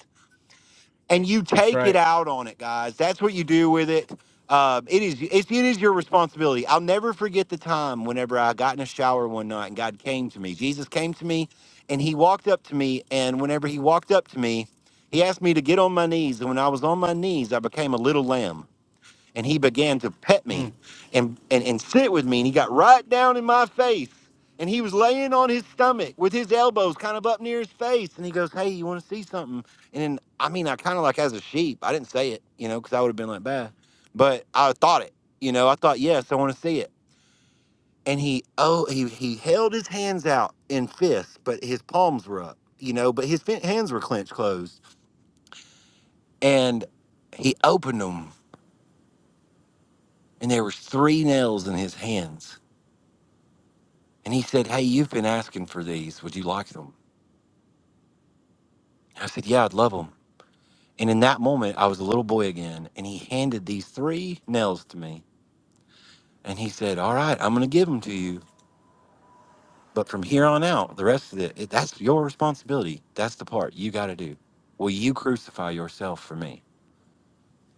F: and you
A: That's
F: take it
A: right.
F: out on it, guys. That's what you do with it. Um, it is it's, it is your responsibility. I'll never forget the time whenever I got in a shower one night and God came to me. Jesus came to me, and He walked up to me. And whenever He walked up to me, He asked me to get on my knees. And when I was on my knees, I became a little lamb and he began to pet
A: Mm,
F: me and, and, and sit with me and he got right down in my face and he was laying on his stomach with his elbows kind of up near his face and he goes hey you want to see something and then i mean i kind of like as a sheep i didn't say it you know because i would have been like bad but i thought it you know i thought yes i want to see it and he oh he, he held his hands out in fists but his palms were up you know but his fin- hands were clenched closed and he opened them and there was three nails in his hands And he said, Hey, you've been asking for these. Would you like them? I said, Yeah, I'd love them. And in that moment, I was a little boy again. And he handed these three nails to me. And he said, All right, I'm going to give them to you. But from here on out, the rest of it, it that's your responsibility. That's the part you got to do. Will you crucify yourself for me?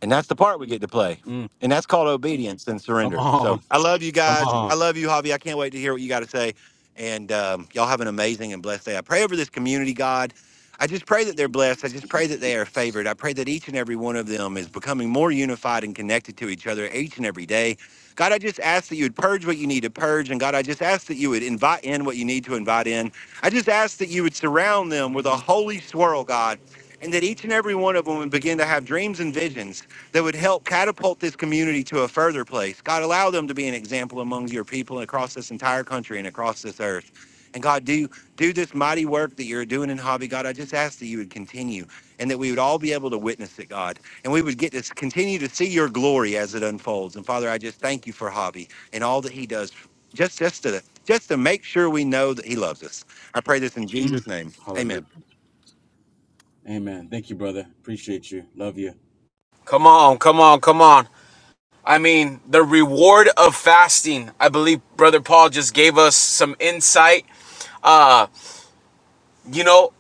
F: And that's the part we get to play.
A: mm.
F: And that's called obedience and
A: Come
F: surrender.
A: on,
F: So I love you
A: come
F: guys. I
A: on.
F: love you, Javi. I can't wait to hear what you got to say. And um, y'all have an amazing and blessed day. I pray over this community, God. I just pray that they're blessed. I just
A: Thank you.
F: pray that they are favored. I pray that each and every one of them is becoming more unified and connected to each other each and every day. God, I just ask that you would purge what you need to purge. And God, I just ask that you would invite in what you need to invite in. I just ask that you would surround them with a holy swirl, God, and that each and every one of them would begin to have dreams and visions that would help catapult this community to a further place. God, allow them to be an example among your people and across this entire country and across this earth. And God, do do this mighty work that you're doing in hobby. God, I just ask that you would continue and that we would all be able to witness it, God. And we would get to continue to see your glory as it unfolds. And Father, I just thank you for hobby and all that he does just just to just to make sure we know that he loves us. I pray this in
A: Mm.
F: Jesus' name.
A: Hallelujah.
F: Amen.
A: Amen. Thank you, brother. Appreciate you. Love you. Come on, come on, come on. I mean, the reward of fasting. I believe Brother Paul just gave us some insight. Uh, you know,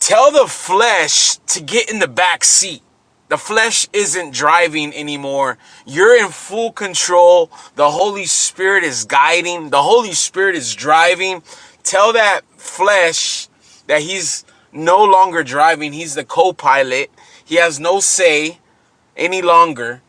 A: tell the flesh to get in the back seat. The flesh isn't driving anymore. You're in full control. The Holy Spirit is guiding. The Holy Spirit is driving. Tell that flesh that he's no longer driving. He's the co pilot. He has no say any longer.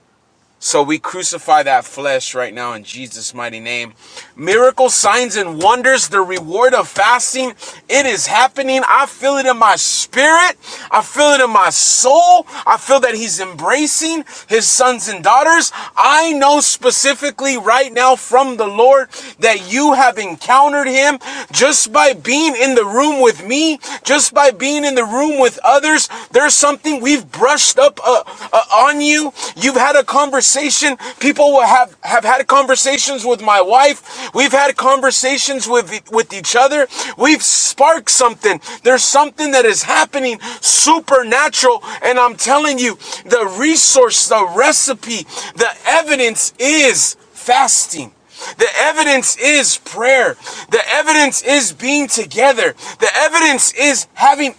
A: So we crucify that flesh right now in Jesus' mighty name. Miracle signs and wonders, the reward of fasting, it is happening. I feel it in my spirit. I feel it in my soul. I feel that he's embracing his sons and daughters. I know specifically right now from the Lord that you have encountered him just by being in the room with me, just by being in the room with others. There's something we've brushed up uh, uh, uh, on you. You've had a conversation. People will have have had conversations with my wife. We've had conversations with e- with each other. We've sparked something. There's something that is happening supernatural, and I'm telling you, the resource, the recipe, the evidence is fasting. The evidence is prayer. The evidence is being together. The evidence is having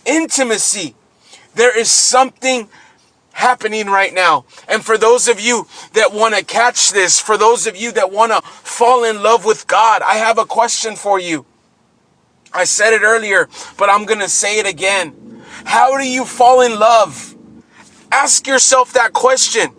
A: intimacy. There is something happening right now. And for those of you that want to catch this, for those of you that want to fall in love with God, I have a question for you. I said it earlier, but I'm going to say it again. How do you fall in love? Ask yourself that question.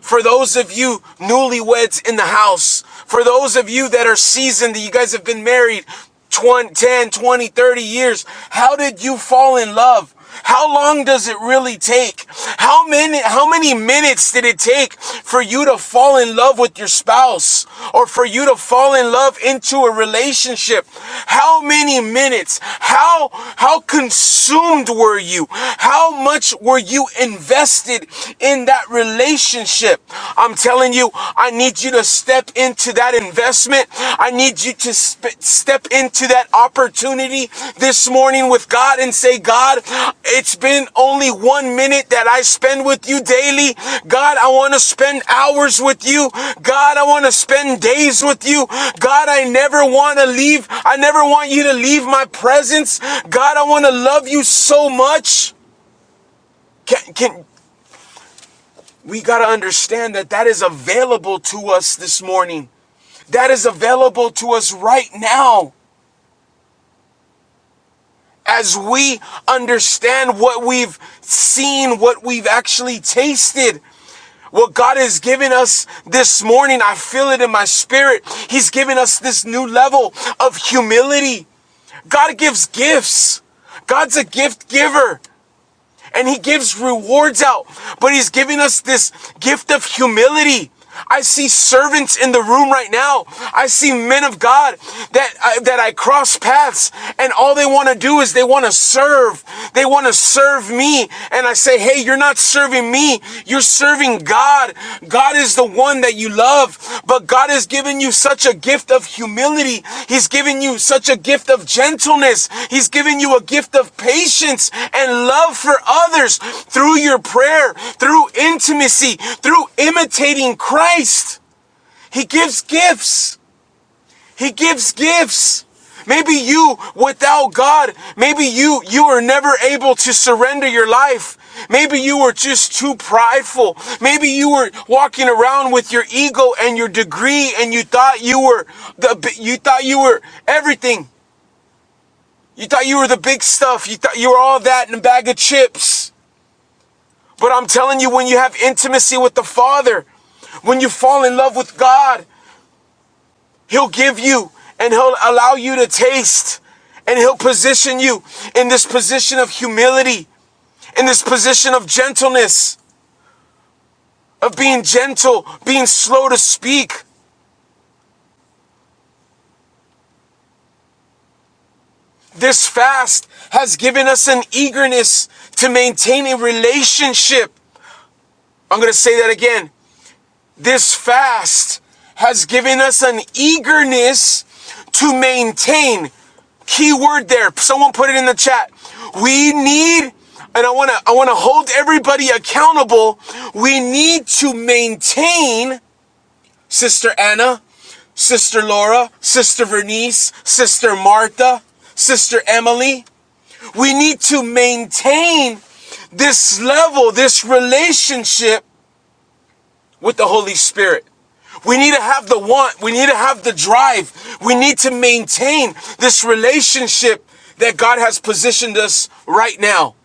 A: For those of you newlyweds in the house, for those of you that are seasoned, that you guys have been married 20, 10, 20, 30 years, how did you fall in love? How long does it really take? How many how many minutes did it take for you to fall in love with your spouse or for you to fall in love into a relationship? How many minutes? How how consumed were you? How much were were you invested in that relationship? I'm telling you, I need you to step into that investment. I need you to sp- step into that opportunity this morning with God and say, God, it's been only one minute that I spend with you daily. God, I want to spend hours with you. God, I want to spend days with you. God, I never want to leave. I never want you to leave my presence. God, I want to love you so much. Can, can we got to understand that that is available to us this morning. That is available to us right now. As we understand what we've seen, what we've actually tasted, what God has given us this morning, I feel it in my spirit. He's given us this new level of humility. God gives gifts. God's a gift giver. and he gives rewards out, but he's giving us this gift of humility. I see servants in the room right now. I see men of God that I, that I cross paths and all they want to do is they want to serve. They want to serve me and I say, "Hey, you're not serving me. You're serving God. God is the one that you love, but God has given you such a gift of humility. He's given you such a gift of gentleness. He's given you a gift of patience and love for others through your prayer, through intimacy, through imitating Christ. He gives gifts. He gives gifts. Maybe you, without God, maybe you, you were never able to surrender your life. Maybe you were just too prideful. Maybe you were walking around with your ego and your degree and you thought you were the, you thought you were everything. You thought you were the big stuff. You thought you were all that in a bag of chips. But I'm telling you, when you have intimacy with the Father, when you fall in love with God, He'll give you and he'll allow you to taste and he'll position you in this position of humility, in this position of gentleness, of being gentle, being slow to speak. This fast has given us an eagerness to maintain a relationship. I'm going to say that again. This fast has given us an eagerness to maintain. Key word there. Someone put it in the chat. We need, and I want to, I want to hold everybody accountable. We need to maintain, Sister Anna, Sister Laura, Sister Vernice, Sister Martha, Sister Emily. We need to maintain this level, this relationship with the Holy Spirit. We need to have the want. We need to have the drive. We need to maintain this relationship that God has positioned us right now.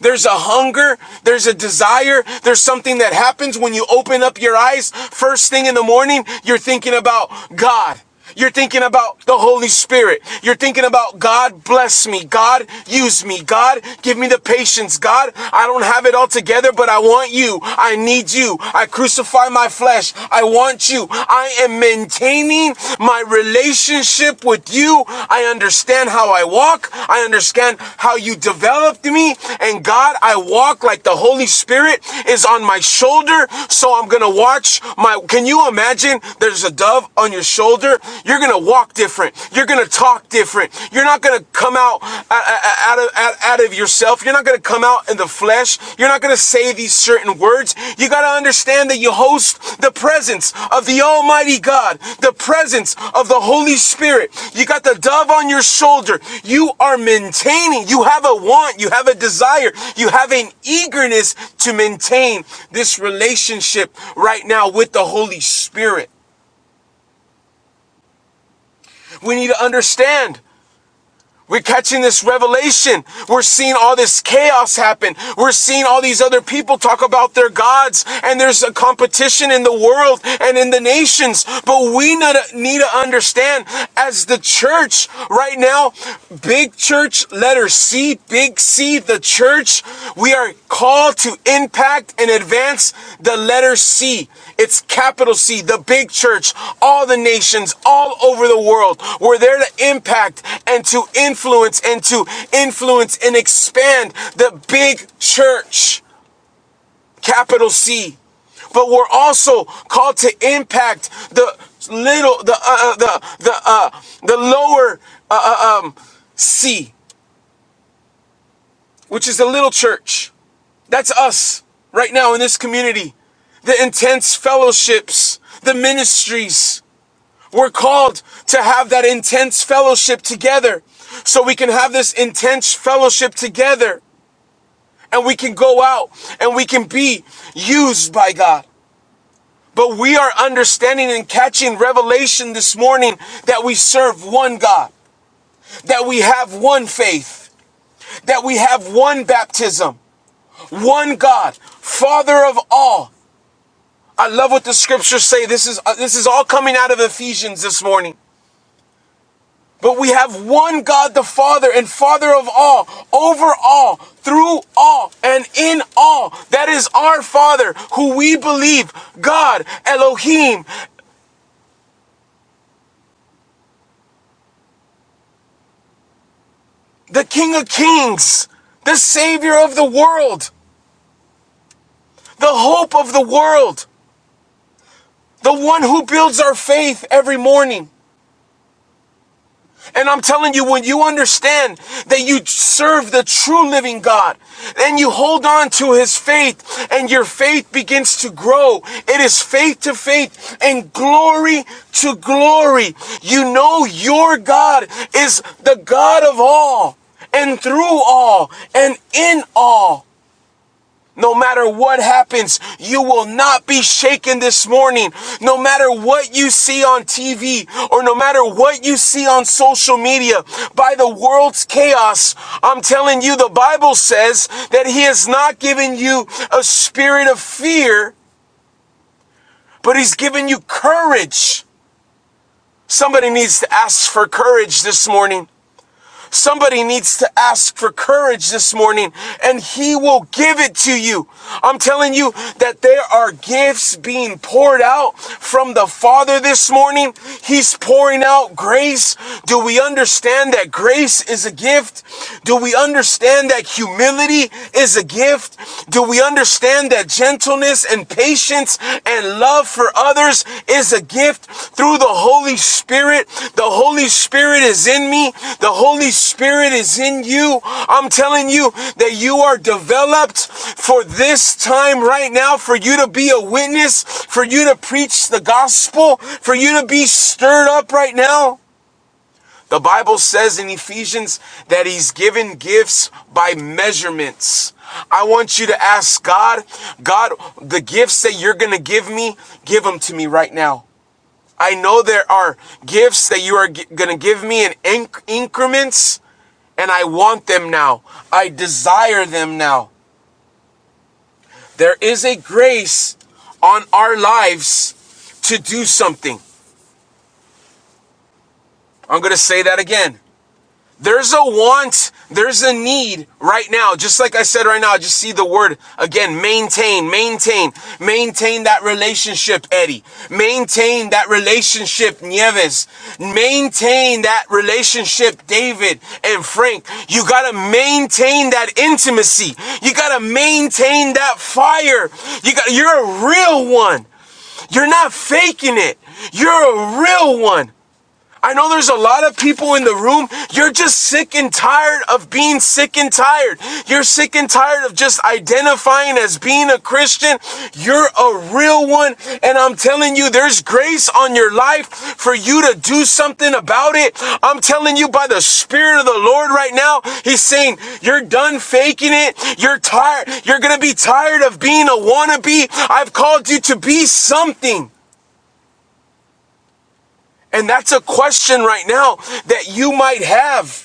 A: There's a hunger. There's a desire. There's something that happens when you open up your eyes. First thing in the morning, you're thinking about God. You're thinking about the Holy Spirit. You're thinking about God bless me. God use me. God give me the patience. God, I don't have it all together, but I want you. I need you. I crucify my flesh. I want you. I am in maintaining my relationship with you. I understand how I walk. I understand how you developed me. And God, I walk like the Holy Spirit is on my shoulder. So I'm going to watch my. Can you imagine there's a dove on your shoulder? You're going to walk different. You're going to talk different. You're not going to come out out, of, out of yourself if you're not going to come out in the flesh, you're not going to say these certain words. You got to understand that you host the presence of the Almighty God, the presence of the Holy Spirit. You got the dove on your shoulder. You are maintaining. You have a want. You have a desire. You have an eagerness to maintain this relationship right now with the Holy Spirit. We need to understand We're catching this revelation. We're seeing all this chaos happen. We're seeing all these other people talk about their gods, and there's a competition in the world and in the nations. But we need to understand as the church right now, big church, letter C, big C, the church, we are called to impact and advance the letter C. It's capital C, the big church, all the nations, all over the world. We're there to impact and to influence and to influence and expand the big church, capital C. But we're also called to impact the little, the uh, uh, the the uh, the lower uh, uh, um, C, which is the little church. That's us right now in this community. The intense fellowships, the ministries. We're called to have that intense fellowship together. So we can have this intense fellowship together and we can go out and we can be used by God. But we are understanding and catching revelation this morning that we serve one God, that we have one faith, that we have one baptism, one God, Father of all. I love what the scriptures say. This is uh, this is all coming out of Ephesians this morning. But we have one God the Father and Father of all, over all, through all, and in all. That is our Father, who we believe, God, Elohim, the King of Kings, the Savior of the world, the hope of the world, the one who builds our faith every morning. And I'm telling you, when you understand that you serve the true living God and you hold on to his faith and your faith begins to grow, it is faith to faith and glory to glory. You know your God is the God of all and through all and in all. No matter what happens, you will not be shaken this morning. No matter what you see on TV or no matter what you see on social media, by the world's chaos, I'm telling you, the Bible says that He has not given you a spirit of fear, but He's given you courage. Somebody needs to ask for courage this morning. Somebody needs to ask for courage this morning and he will give it to you. I'm telling you that there are gifts being poured out from the Father this morning. He's pouring out grace. Do we understand that grace is a gift? Do we understand that humility is a gift? Do we understand that gentleness? gentleness and patience and love for others is a gift through the Holy Spirit. The Holy Spirit is in me. The Holy Spirit is in you. I'm telling you that you are developed for this time right now, for you to be a witness, for you to preach the gospel, for you to be stirred up right now. The Bible says in Ephesians that he's given gifts by measurements. I want you to ask God, God, the gifts that you're going to give me, give them to me right now. I know there are gifts that you are going to give me in inc- increments, and I want them now. I desire them now. There is a grace on our lives to do something. I'm going to say that again. There's a want, there's a need right now. Just like I said right now, I just see the word again maintain, maintain, maintain that relationship, Eddie. Maintain that relationship, Nieves. Maintain that relationship, David and Frank. You gotta maintain that intimacy. You gotta maintain that fire. You got you're a real one. You're not faking it. You're a real one. I know there's a lot of people in the room. You're just sick and tired of being sick and tired. You're sick and tired of just identifying as being a Christian. You're a real one. And I'm telling you, there's grace on your life for you to do something about it. I'm telling you by the Spirit of the Lord right now, He's saying, You're done faking it. You're tired. You're going to be tired of being a wannabe. I've called you to be something. And that's a question right now that you might have.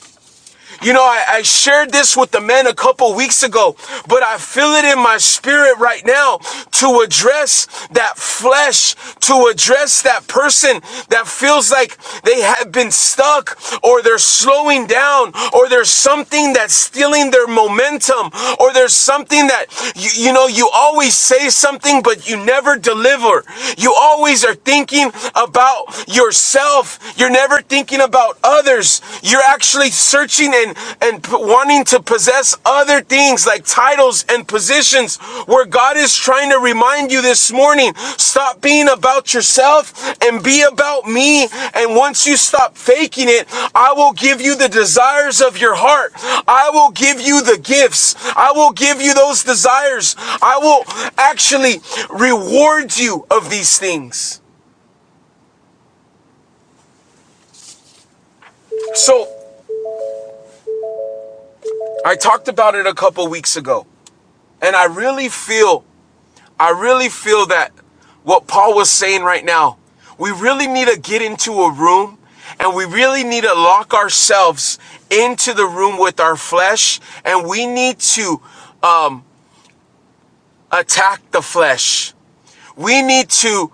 A: You know, I, I shared this with the men a couple weeks ago, but I feel it in my spirit right now to address that flesh, to address that person that feels like they have been stuck or they're slowing down or there's something that's stealing their momentum or there's something that, you, you know, you always say something, but you never deliver. You always are thinking about yourself. You're never thinking about others. You're actually searching and, and wanting to possess other things like titles and positions where God is trying to remind you this morning, stop being about yourself and be about me. And once you stop faking it, I will give you the desires of your heart. I will give you the gifts. I will give you those desires. I will actually reward you of these things. So I talked about it a couple weeks ago. And I really feel, I really feel that what Paul was saying right now, we really need to get into a room and we really need to lock ourselves into the room with our flesh and we need to attack the flesh. We need to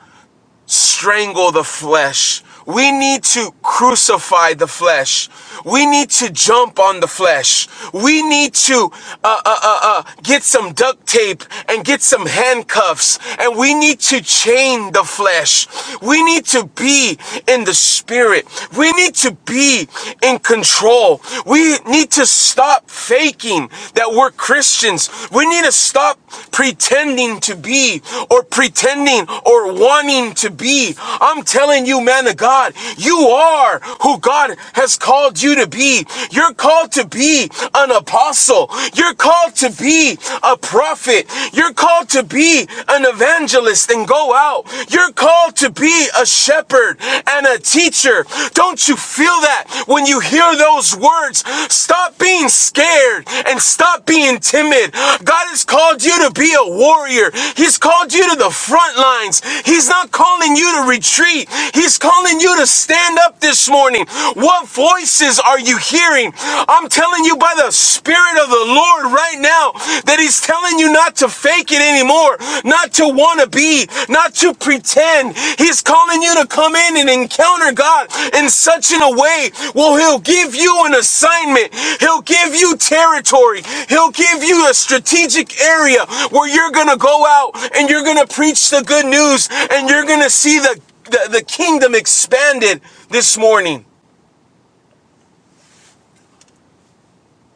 A: strangle the flesh. We need to crucify the flesh. We need to jump on the flesh. We need to uh, uh, uh, uh, get some duct tape and get some handcuffs. And we need to chain the flesh. We need to be in the spirit. We need to be in control. We need to stop faking that that we're Christians. We need to stop pretending to be or pretending or wanting to be. I'm telling you, man of God, you are who God has called you to be. You're called to be an apostle. You're called to be a prophet. You're called to be an evangelist and go out. You're called to be a shepherd and a teacher. Don't you feel that when you hear those words? Stop being scared and stop being timid. God has called you to be a warrior. He's called you to the front lines. He's not calling you to retreat. He's calling you to stand up this morning. What voices are you hearing? I'm telling you by the Spirit of the Lord right now that He's telling telling you not to fake it anymore, not to want to be, not to pretend. He's calling you to come in and encounter God in such in a way. Well, he'll give you an assignment. He'll give you territory. He'll give you a strategic area where you're going to go out and you're going to preach the good news and you're going to see the, the, the kingdom expanded this morning.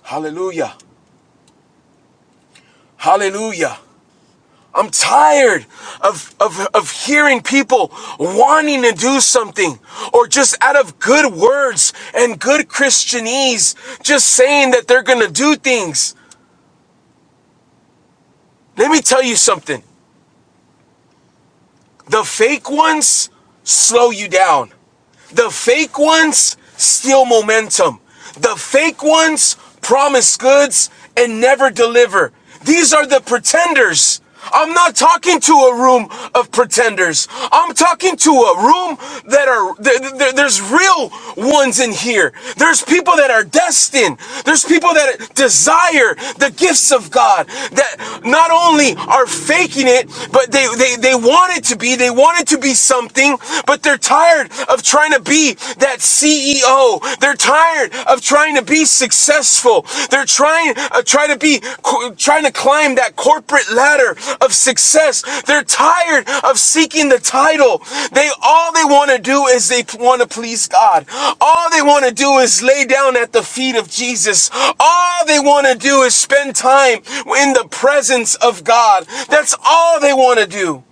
A: Hallelujah. Hallelujah. I'm tired of, of, of hearing people wanting to do something or just out of good words and good Christianese just saying that they're going to do things. Let me tell you something. The fake ones slow you down. The fake ones steal momentum. The fake ones promise goods and never deliver. These are the pretenders. I'm not talking to a room of pretenders. I'm talking to a room that are, th- th- there's real ones in here. There's people that are destined. There's people that desire the gifts of God that not only are faking it, but they, they, they want it to be, they want it to be something something, but they're tired of trying to be that CEO. They're tired of trying to be successful. They're trying uh, trying to be trying to climb that corporate ladder of success. They're tired of seeking the title. They all they want to do is they want to please God. All they want to do is lay down at the feet of Jesus. All they want to do is spend time in the presence of God. That's all they want to do.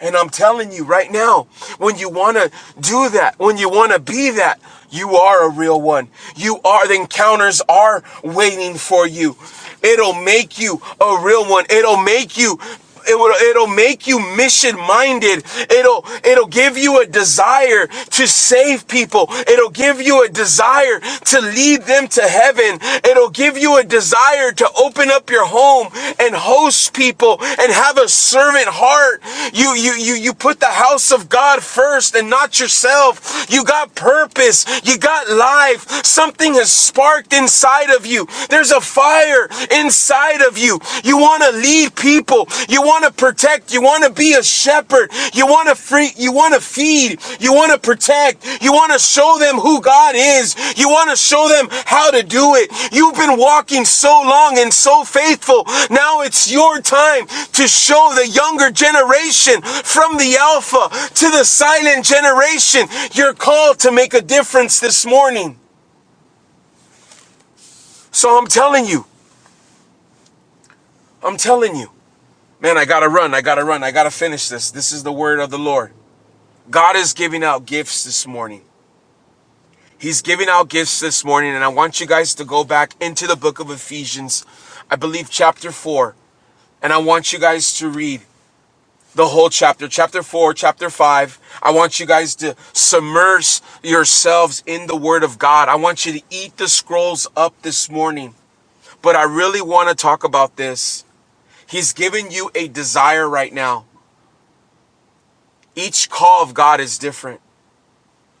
A: And I'm telling you right now, when you want to do that, when you want to be that, you are a real one. You are, the encounters are waiting for you. It'll make you a real one. It'll make you. It will, it'll make you mission minded. It'll, it'll give you a desire to save people. It'll give you a desire to lead them lead them to heaven. It'll give you a desire to open up your home and host people and have a servant heart. You you you you put the house of God first and not yourself. You got purpose. You got life. Something has sparked inside of you. There's a fire inside of you. You want to lead people. You want to protect you want to be a shepherd. You want to free, you want to feed. You want to protect. You want to show them who God is. You want to show them how to do it. You've been walking so long and so faithful. Now it's your time to show the younger generation from the alpha to the silent generation. You're called to make a difference this morning. So I'm telling you, I'm telling you, man, I gotta run. I gotta run. I gotta finish this. This is the word of the Lord. God is giving out gifts this morning. He's giving out gifts this morning, and I want you guys to go back into the book of Ephesians, I believe chapter 4, and I want you guys to read the whole chapter, chapter 4, chapter 5. I want you guys to submerge yourselves in the Word of God. I want you to eat the scrolls up this morning, but I really want to talk about this. He's giving you a desire right now. Each call of God is different.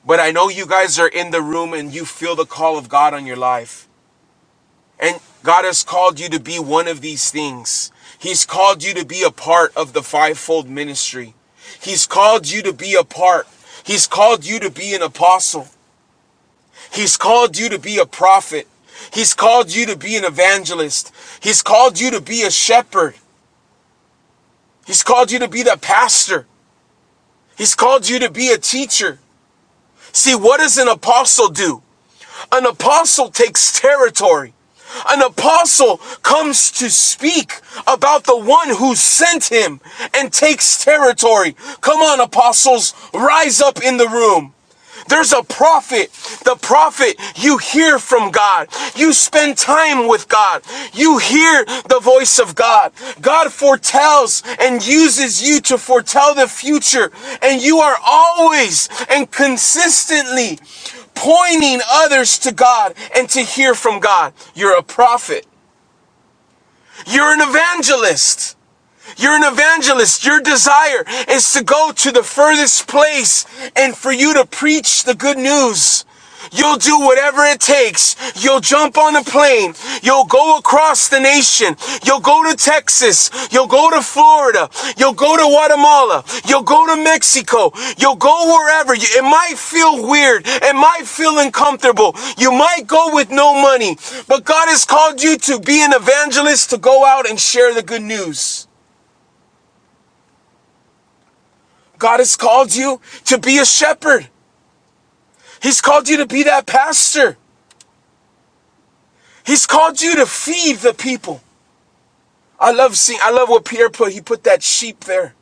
A: But I know you guys are in the room and you feel the call of God on your life. And God has called you to be one of these things. He's called you to be a part of the fivefold ministry. He's called you to be a part. He's called you to be an apostle. He's called you to be a prophet. He's called you to be an evangelist. He's called you to be a shepherd. He's called you to be the pastor. He's called you to be a teacher. See, what does an apostle do? An apostle takes territory. An apostle comes to speak about the one who sent him and takes territory. Come on, apostles, rise up in the room. There's a prophet. The prophet, you hear from God. You spend time with God. You hear the voice of God. God foretells and uses you to foretell the future. And you are always and consistently pointing others to God and to hear from God. You're a prophet. You're an evangelist. You're an evangelist. Your desire is to go to the furthest place and for you to preach the good news. You'll do whatever it takes. You'll jump on a plane. You'll go across the nation. You'll go to Texas. You'll go to Florida. You'll go to Guatemala. You'll go to Mexico. You'll go wherever. It might feel weird. It might feel uncomfortable. You might go with no money. But God has called you to be an evangelist to go out and share the good news. God has called you to be a shepherd. He's called you to be that pastor. He's called you to feed the people. I love seeing, I love what Peter put. He put that sheep there.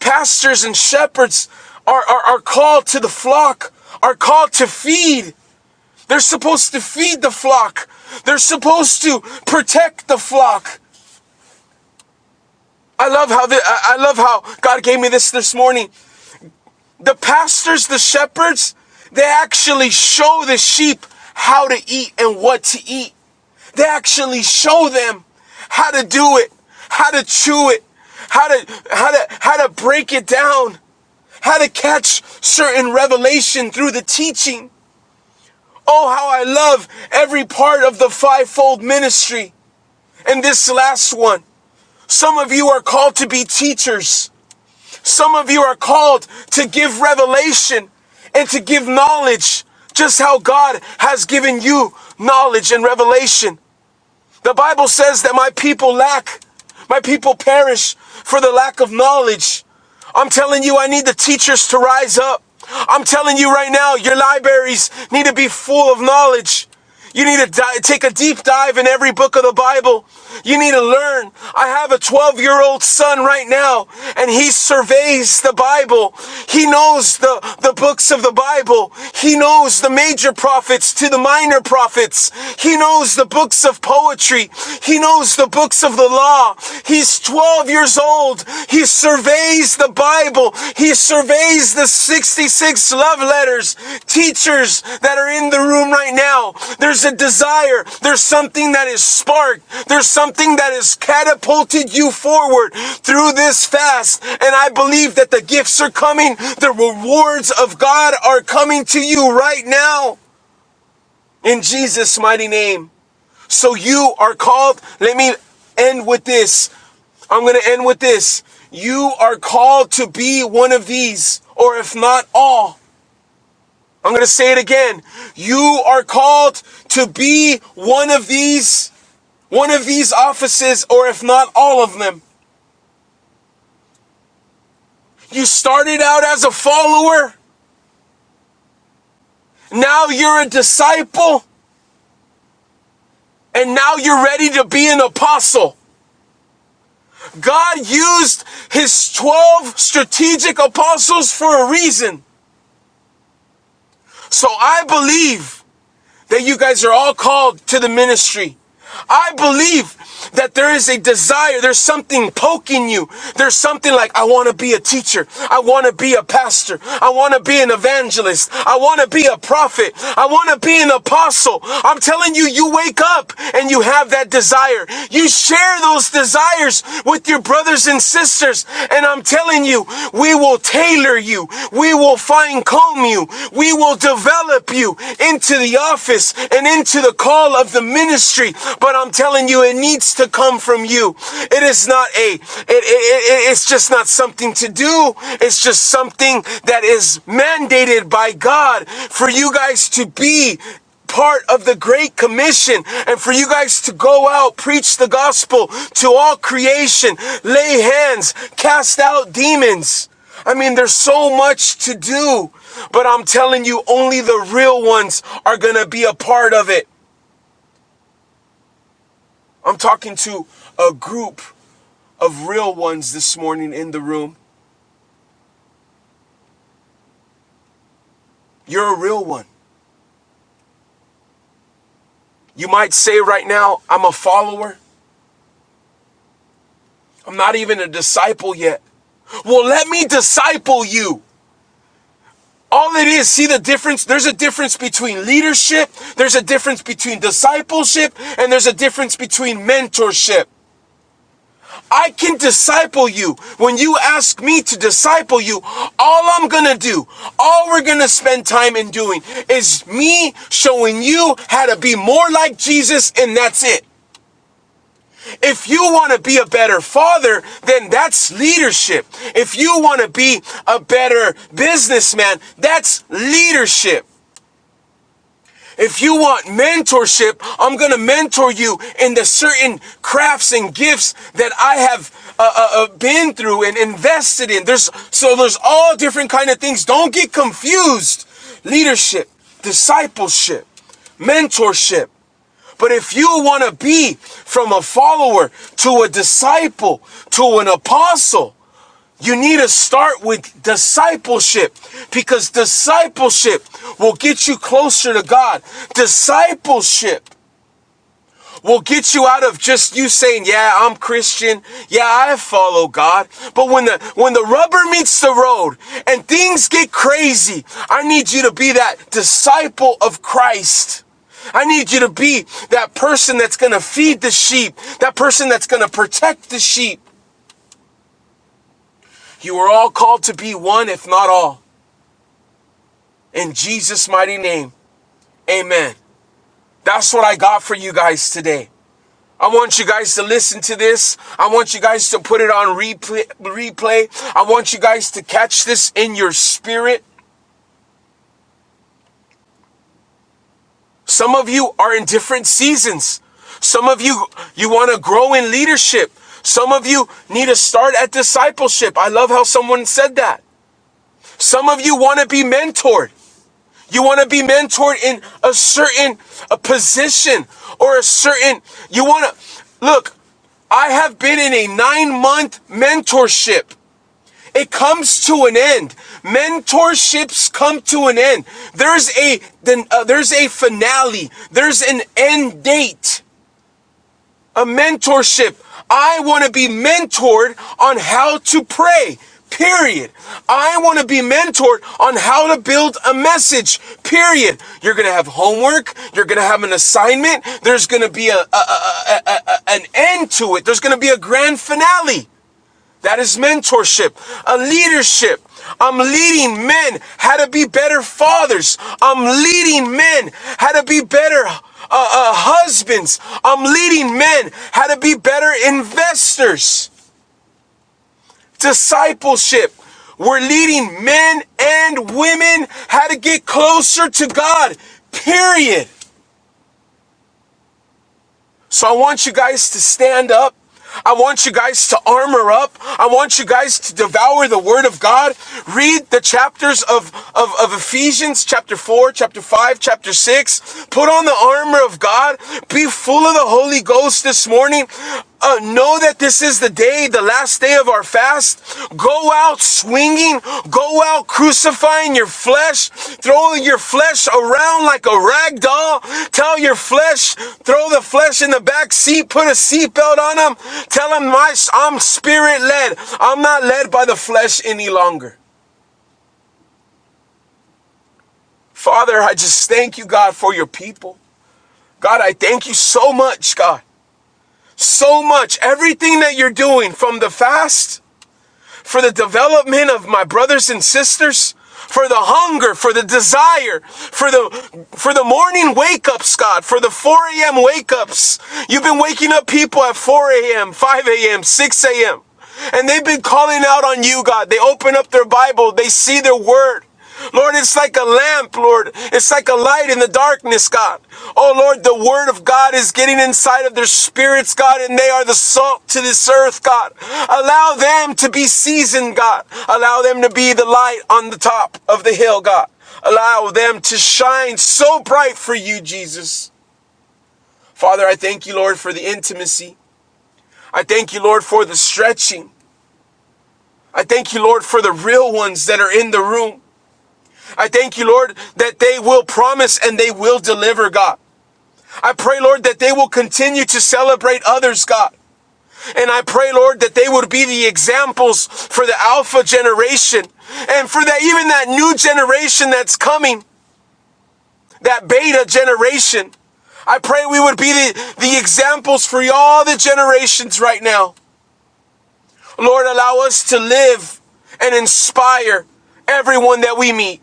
A: Pastors and shepherds are, are, are called to the flock, are called to feed. They're supposed to feed the flock. They're supposed to protect the flock. I love how the, I I love how God gave me this this morning. The pastors, the shepherds, they actually show the sheep how to eat and what to eat. They actually show them how to do it, how to chew it, how to how to how to break it down, how to catch certain revelation through the teaching. Oh, how I love every part of the fivefold ministry. And this last one, some of you are called to be teachers. Some of you are called to give revelation and to give knowledge, just how God has given you knowledge and revelation. The Bible says that my people lack, my people perish for the lack of knowledge. I'm telling you, I need the teachers to rise up. I'm telling you right now, your libraries need to be full of knowledge. You need to take a deep dive in every book of the Bible. You need to learn. I have a 12 year old son right now, and he surveys the Bible. He knows the, the books of the Bible. He knows the major prophets to the minor prophets books. He knows the books of poetry. He knows the books of the law. He's 12 years old. He surveys the Bible. He surveys the 66 love letters. Teachers that are in the room right now, there's a desire. There's something that is sparked. There's something that has catapulted you forward through this fast. And I believe that the gifts are coming. The rewards of God are coming to you right now in Jesus' mighty name. So you are called. Let me end with this. I'm going to end with this. You are called to be one of these, or if not all. I'm going to say it again. You are called to be one of these, one of these offices, or if not all of them. You started out as a follower. Now you're a disciple. And now you're ready to be an apostle. God used his 12 strategic apostles for a reason. So I believe that you guys are all called to the ministry. I believe that there is a desire, there's something poking you. There's something like, I want to be a teacher. I want to be a pastor. I want to be an evangelist. I want to be a prophet. I want to be an apostle. I'm telling you, you wake up and you have that desire. You share those desires desires with your brothers and sisters. And I'm telling you, we will tailor you. We will fine comb you. We will develop you into the office and into the call of the ministry. But I'm telling you, it needs to come from you. It is not a, it, it, it- it's just not something to do. It's just something that is mandated by God for you guys to be part of the Great Commission and for you guys to go out, preach the gospel to all creation, lay hands, cast out demons. I mean, there's so much to do, but I'm telling you, only the real ones are going to be a part of it. I'm talking to a group of real ones this morning in the room. You're a real one. You might say right now, I'm a follower. I'm not even a disciple yet. Well, let me disciple you. All it is, see the difference? There's a difference between leadership, there's a difference between discipleship, and there's a difference between mentorship. I can disciple you. When you ask me to disciple you, all I'm gonna do, all we're gonna spend time in doing is me showing you how to be more like Jesus, and that's it. If you want to be a better father, then that's leadership. If you want to be a better businessman, that's leadership. If you want mentorship, I'm going to mentor you in the certain crafts and gifts that I have uh, uh, uh, been through and invested in. There's so there's all different kind of things. Don't get confused. Leadership, discipleship, mentorship. But if you want to be from a follower to a disciple to an apostle, you need to start with discipleship because discipleship will get you closer to God. Discipleship will get you out of just you saying, "Yeah, I'm Christian. Yeah, I follow God." But when the when the rubber meets the road and things get crazy, I need you to be that disciple of Christ. I need you to be that person that's going to feed the sheep, that person that's going to protect the sheep. You are all called to be one, if not all. In Jesus' mighty name, amen. That's what I got for you guys today. I want you guys to listen to this. I want you guys to put it on replay. replay. I want you guys to catch this in your spirit. Some of you are in different seasons. Some of you, you want to grow in leadership. Some of you need to start at discipleship. I love how someone said that. Some of you want to be mentored. You want to be mentored in a certain a position or a certain you want to look. I have been in a 9-month mentorship. It comes to an end. Mentorships come to an end. There's a then uh, there's a finale. There's an end date a mentorship. I want to be mentored on how to pray. Period. I want to be mentored on how to build a message. Period. You're going to have homework. You're going to have an assignment. There's going to be a, a- an end to it. There's going to be a grand finale. That is mentorship, a leadership. I'm leading men how to be better fathers. I'm leading men how to be better uh, uh, husbands. I'm leading men how to be better investors. Discipleship. We're leading men and women how to get closer to God, period. So I want you guys to stand up. I want you guys to armor up. I want you guys to devour the Word of God. Read the chapters of, of, of Ephesians, chapter 4, chapter 5, chapter 6. Put on the armor of God. Be full of the Holy Ghost this morning. Uh, know that this is the day the last day of our fast, go out swinging, go out crucifying your flesh, throwing your flesh around like a rag doll. Tell your flesh, throw the flesh in the back seat, put a seatbelt on them. Tell them, I'm spirit led. I'm not led by the flesh any longer. Father, I just thank you, God, for your people. God, I thank you so much, God. So much. Everything that you're doing from the fast for the development of my brothers and sisters, for the hunger, for the desire, for the for the morning wake ups, God, for the 4 a.m. wake ups. You've been waking up people at 4 a.m., 5 a.m., 6 a.m. And they've been calling out on you, God. They open up their Bible, they see their word. Lord, it's like a lamp, Lord. It's like a light in the darkness, God. Oh, Lord, the word of God is getting inside of their spirits, God, and they are the salt to this earth, God. Allow them to be seasoned, God. Allow them to be the light on the top of the hill, God. Allow them to shine so bright for you, Jesus. Father, I thank you, Lord, for the intimacy. I thank you, Lord, for the stretching. I thank you, Lord, for the real ones that are in the room. I thank you, Lord, that they will promise and they will deliver, God. I pray, Lord, that they will continue to celebrate others, God. And I pray, Lord, that they would be the examples for the Alpha generation and for that even that new generation that's coming, that Beta generation. I pray we would be the, the examples for all the generations right now. Lord, allow us to live and inspire everyone that we meet.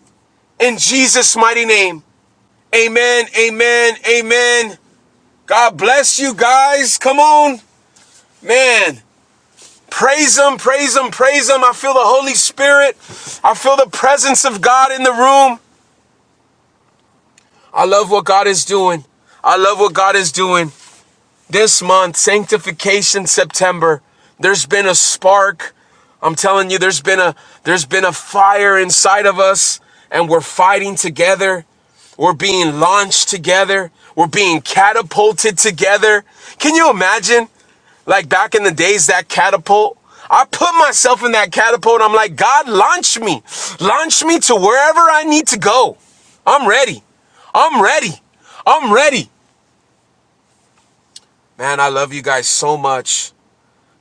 A: In Jesus' mighty name. Amen, amen, amen. God bless you guys. Come on, man. Praise Him, praise Him, praise Him. I feel the Holy Spirit. I feel the presence of God in the room. I love what God is doing. I love what God is doing. This month, Sanctification September, there's been a spark. I'm telling you, there's been a there's been a fire inside of us, and we're fighting together. We're being launched together. We're being catapulted together. Can you imagine? Like back in the days, that catapult. I put myself in that catapult. I'm like, God, launch me. Launch me to wherever I need to go. I'm ready. I'm ready. I'm ready. Man, I love you guys so much.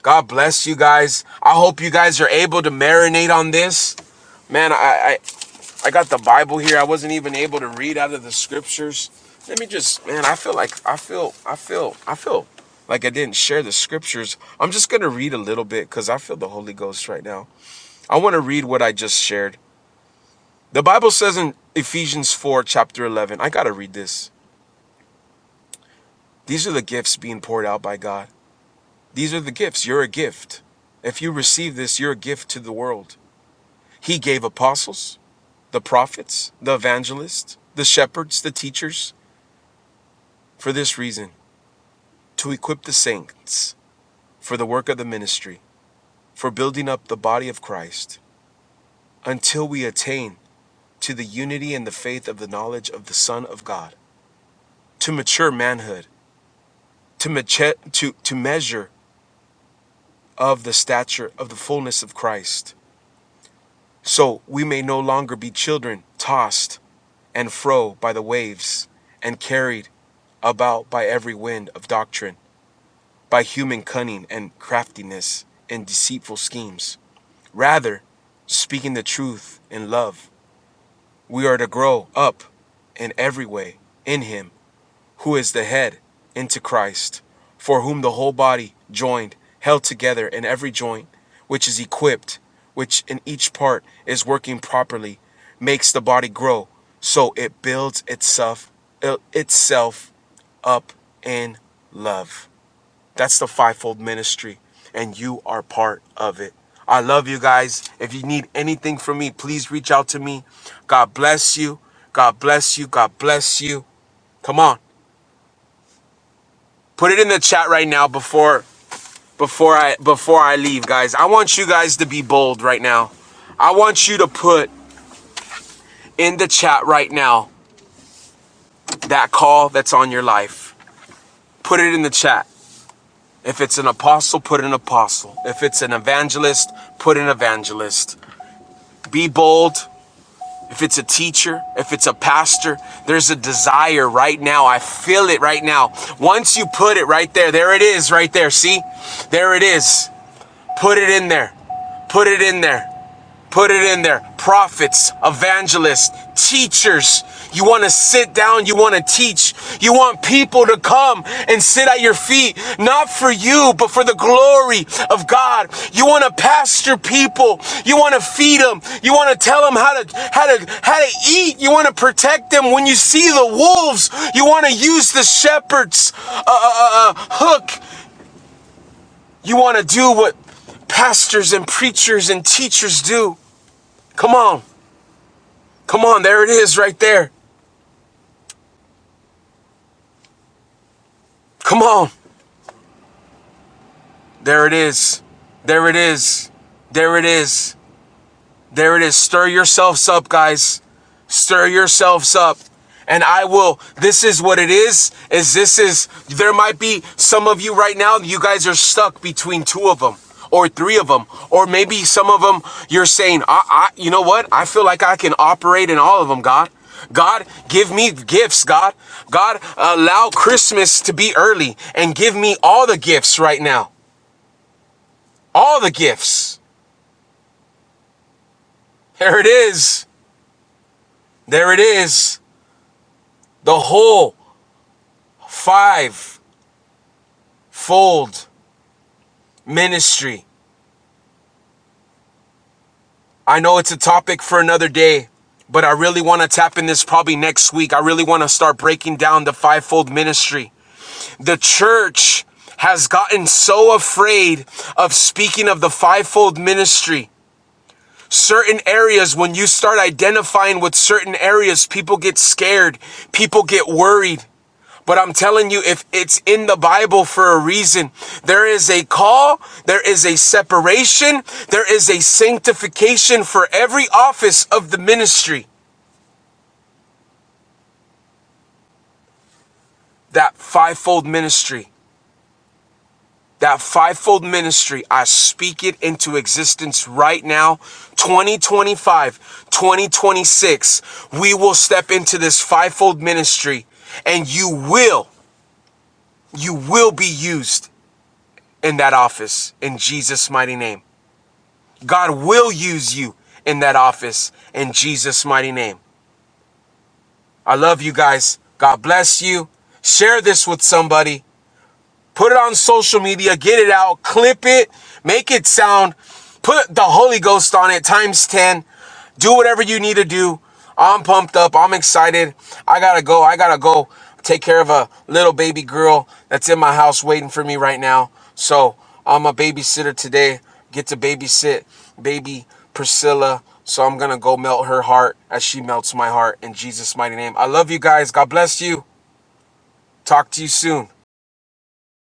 A: God bless you guys. I hope you guys are able to marinate on this. Man, I, I I got the Bible here. I wasn't even able to read out of the scriptures. Let me just, man, I feel like I feel I feel I feel like I didn't share the scriptures. I'm just going to read a little bit cuz I feel the Holy Ghost right now. I want to read what I just shared. The Bible says in Ephesians 4 chapter 11. I got to read this. These are the gifts being poured out by God. These are the gifts. You're a gift. If you receive this, you're a gift to the world. He gave apostles, the prophets, the evangelists, the shepherds, the teachers, for this reason to equip the saints for the work of the ministry, for building up the body of Christ, until we attain to the unity and the faith of the knowledge of the Son of God, to mature manhood, to, mature, to, to measure of the stature of the fullness of Christ, so we may no longer be children tossed and fro by the waves and carried about by every wind of doctrine by human cunning and craftiness and deceitful schemes. Rather, speaking the truth in love, we are to grow up in every way in Him who is the head, into Christ, for whom the whole body, joined, held together in every joint, which is equipped, which in each part is working properly, makes the body grow, so it builds itself itself up in love. That's the fivefold ministry, and you are part of it. I love you guys. If you need anything from me, please reach out to me. God bless you. God bless you. God bless you. Come on. Put it in the chat right now before before I before I leave, guys. I want you guys to be bold right now. I want you to put in the chat right now that call that's on your life. Put it in the chat. If it's an apostle, put an apostle. If it's an evangelist, put an evangelist. Be bold. if it's a teacher, if it's a pastor, there's a desire right now. I feel it right now. Once you put it right there, there it is right there. See? There it is. Put it in there. Put it in there. Put it in there. Prophets, evangelists, teachers. You want to sit down. You want to teach. You want people to come and sit at your feet, not for you, but for the glory of God. You want to pastor people. You want to feed them. You want to tell them how to, how to, how to eat. You want to protect them when you see the wolves. You want to use the shepherd's uh, uh, uh, uh, hook. You want to do what pastors and preachers and teachers do. Come on. Come on, there it is right there. Come on. There it is. There it is. There it is. There it is. Stir yourselves up, guys. Stir yourselves up. And I will, this is what it is, is this is, there might be some of you right now, you guys are stuck between two of them or three of them. Or maybe some of them, you're saying, I, I, you know what? I feel like I can operate in all of them, God. God, give me gifts, God. God, allow Christmas to be early and give me all the gifts right now. All the gifts. There it is. There it is. the whole five fold ministry. I know it's a topic for another day, but I really want to tap in this probably next week. I really want to start breaking down the fivefold ministry. The church has gotten so afraid of speaking of the fivefold ministry certain areas when you start identifying with certain areas people get scared people get worried but I'm telling you, if it's in the Bible for a reason, there is a call, there is a separation, there is a sanctification for every office of the ministry, that fivefold ministry. That fivefold ministry, I speak it into existence right now. 2025, 2026, we will step into this fivefold ministry and you will, you will be used in that office in Jesus' mighty name. God will use you in that office in Jesus' mighty name. I love you guys. God bless you. Share this with somebody. Put it on social media, get it out, clip it, make it sound, put the Holy Ghost on it times 10. Do whatever you need to do. I'm pumped up. I'm excited. I gotta go. I gotta go take care of a little baby girl that's in my house waiting for me right now. So I'm a babysitter today. Get to babysit baby Priscilla. So I'm gonna go melt her heart as she melts my heart in Jesus' mighty name. I love you guys. God bless you. Talk to you soon.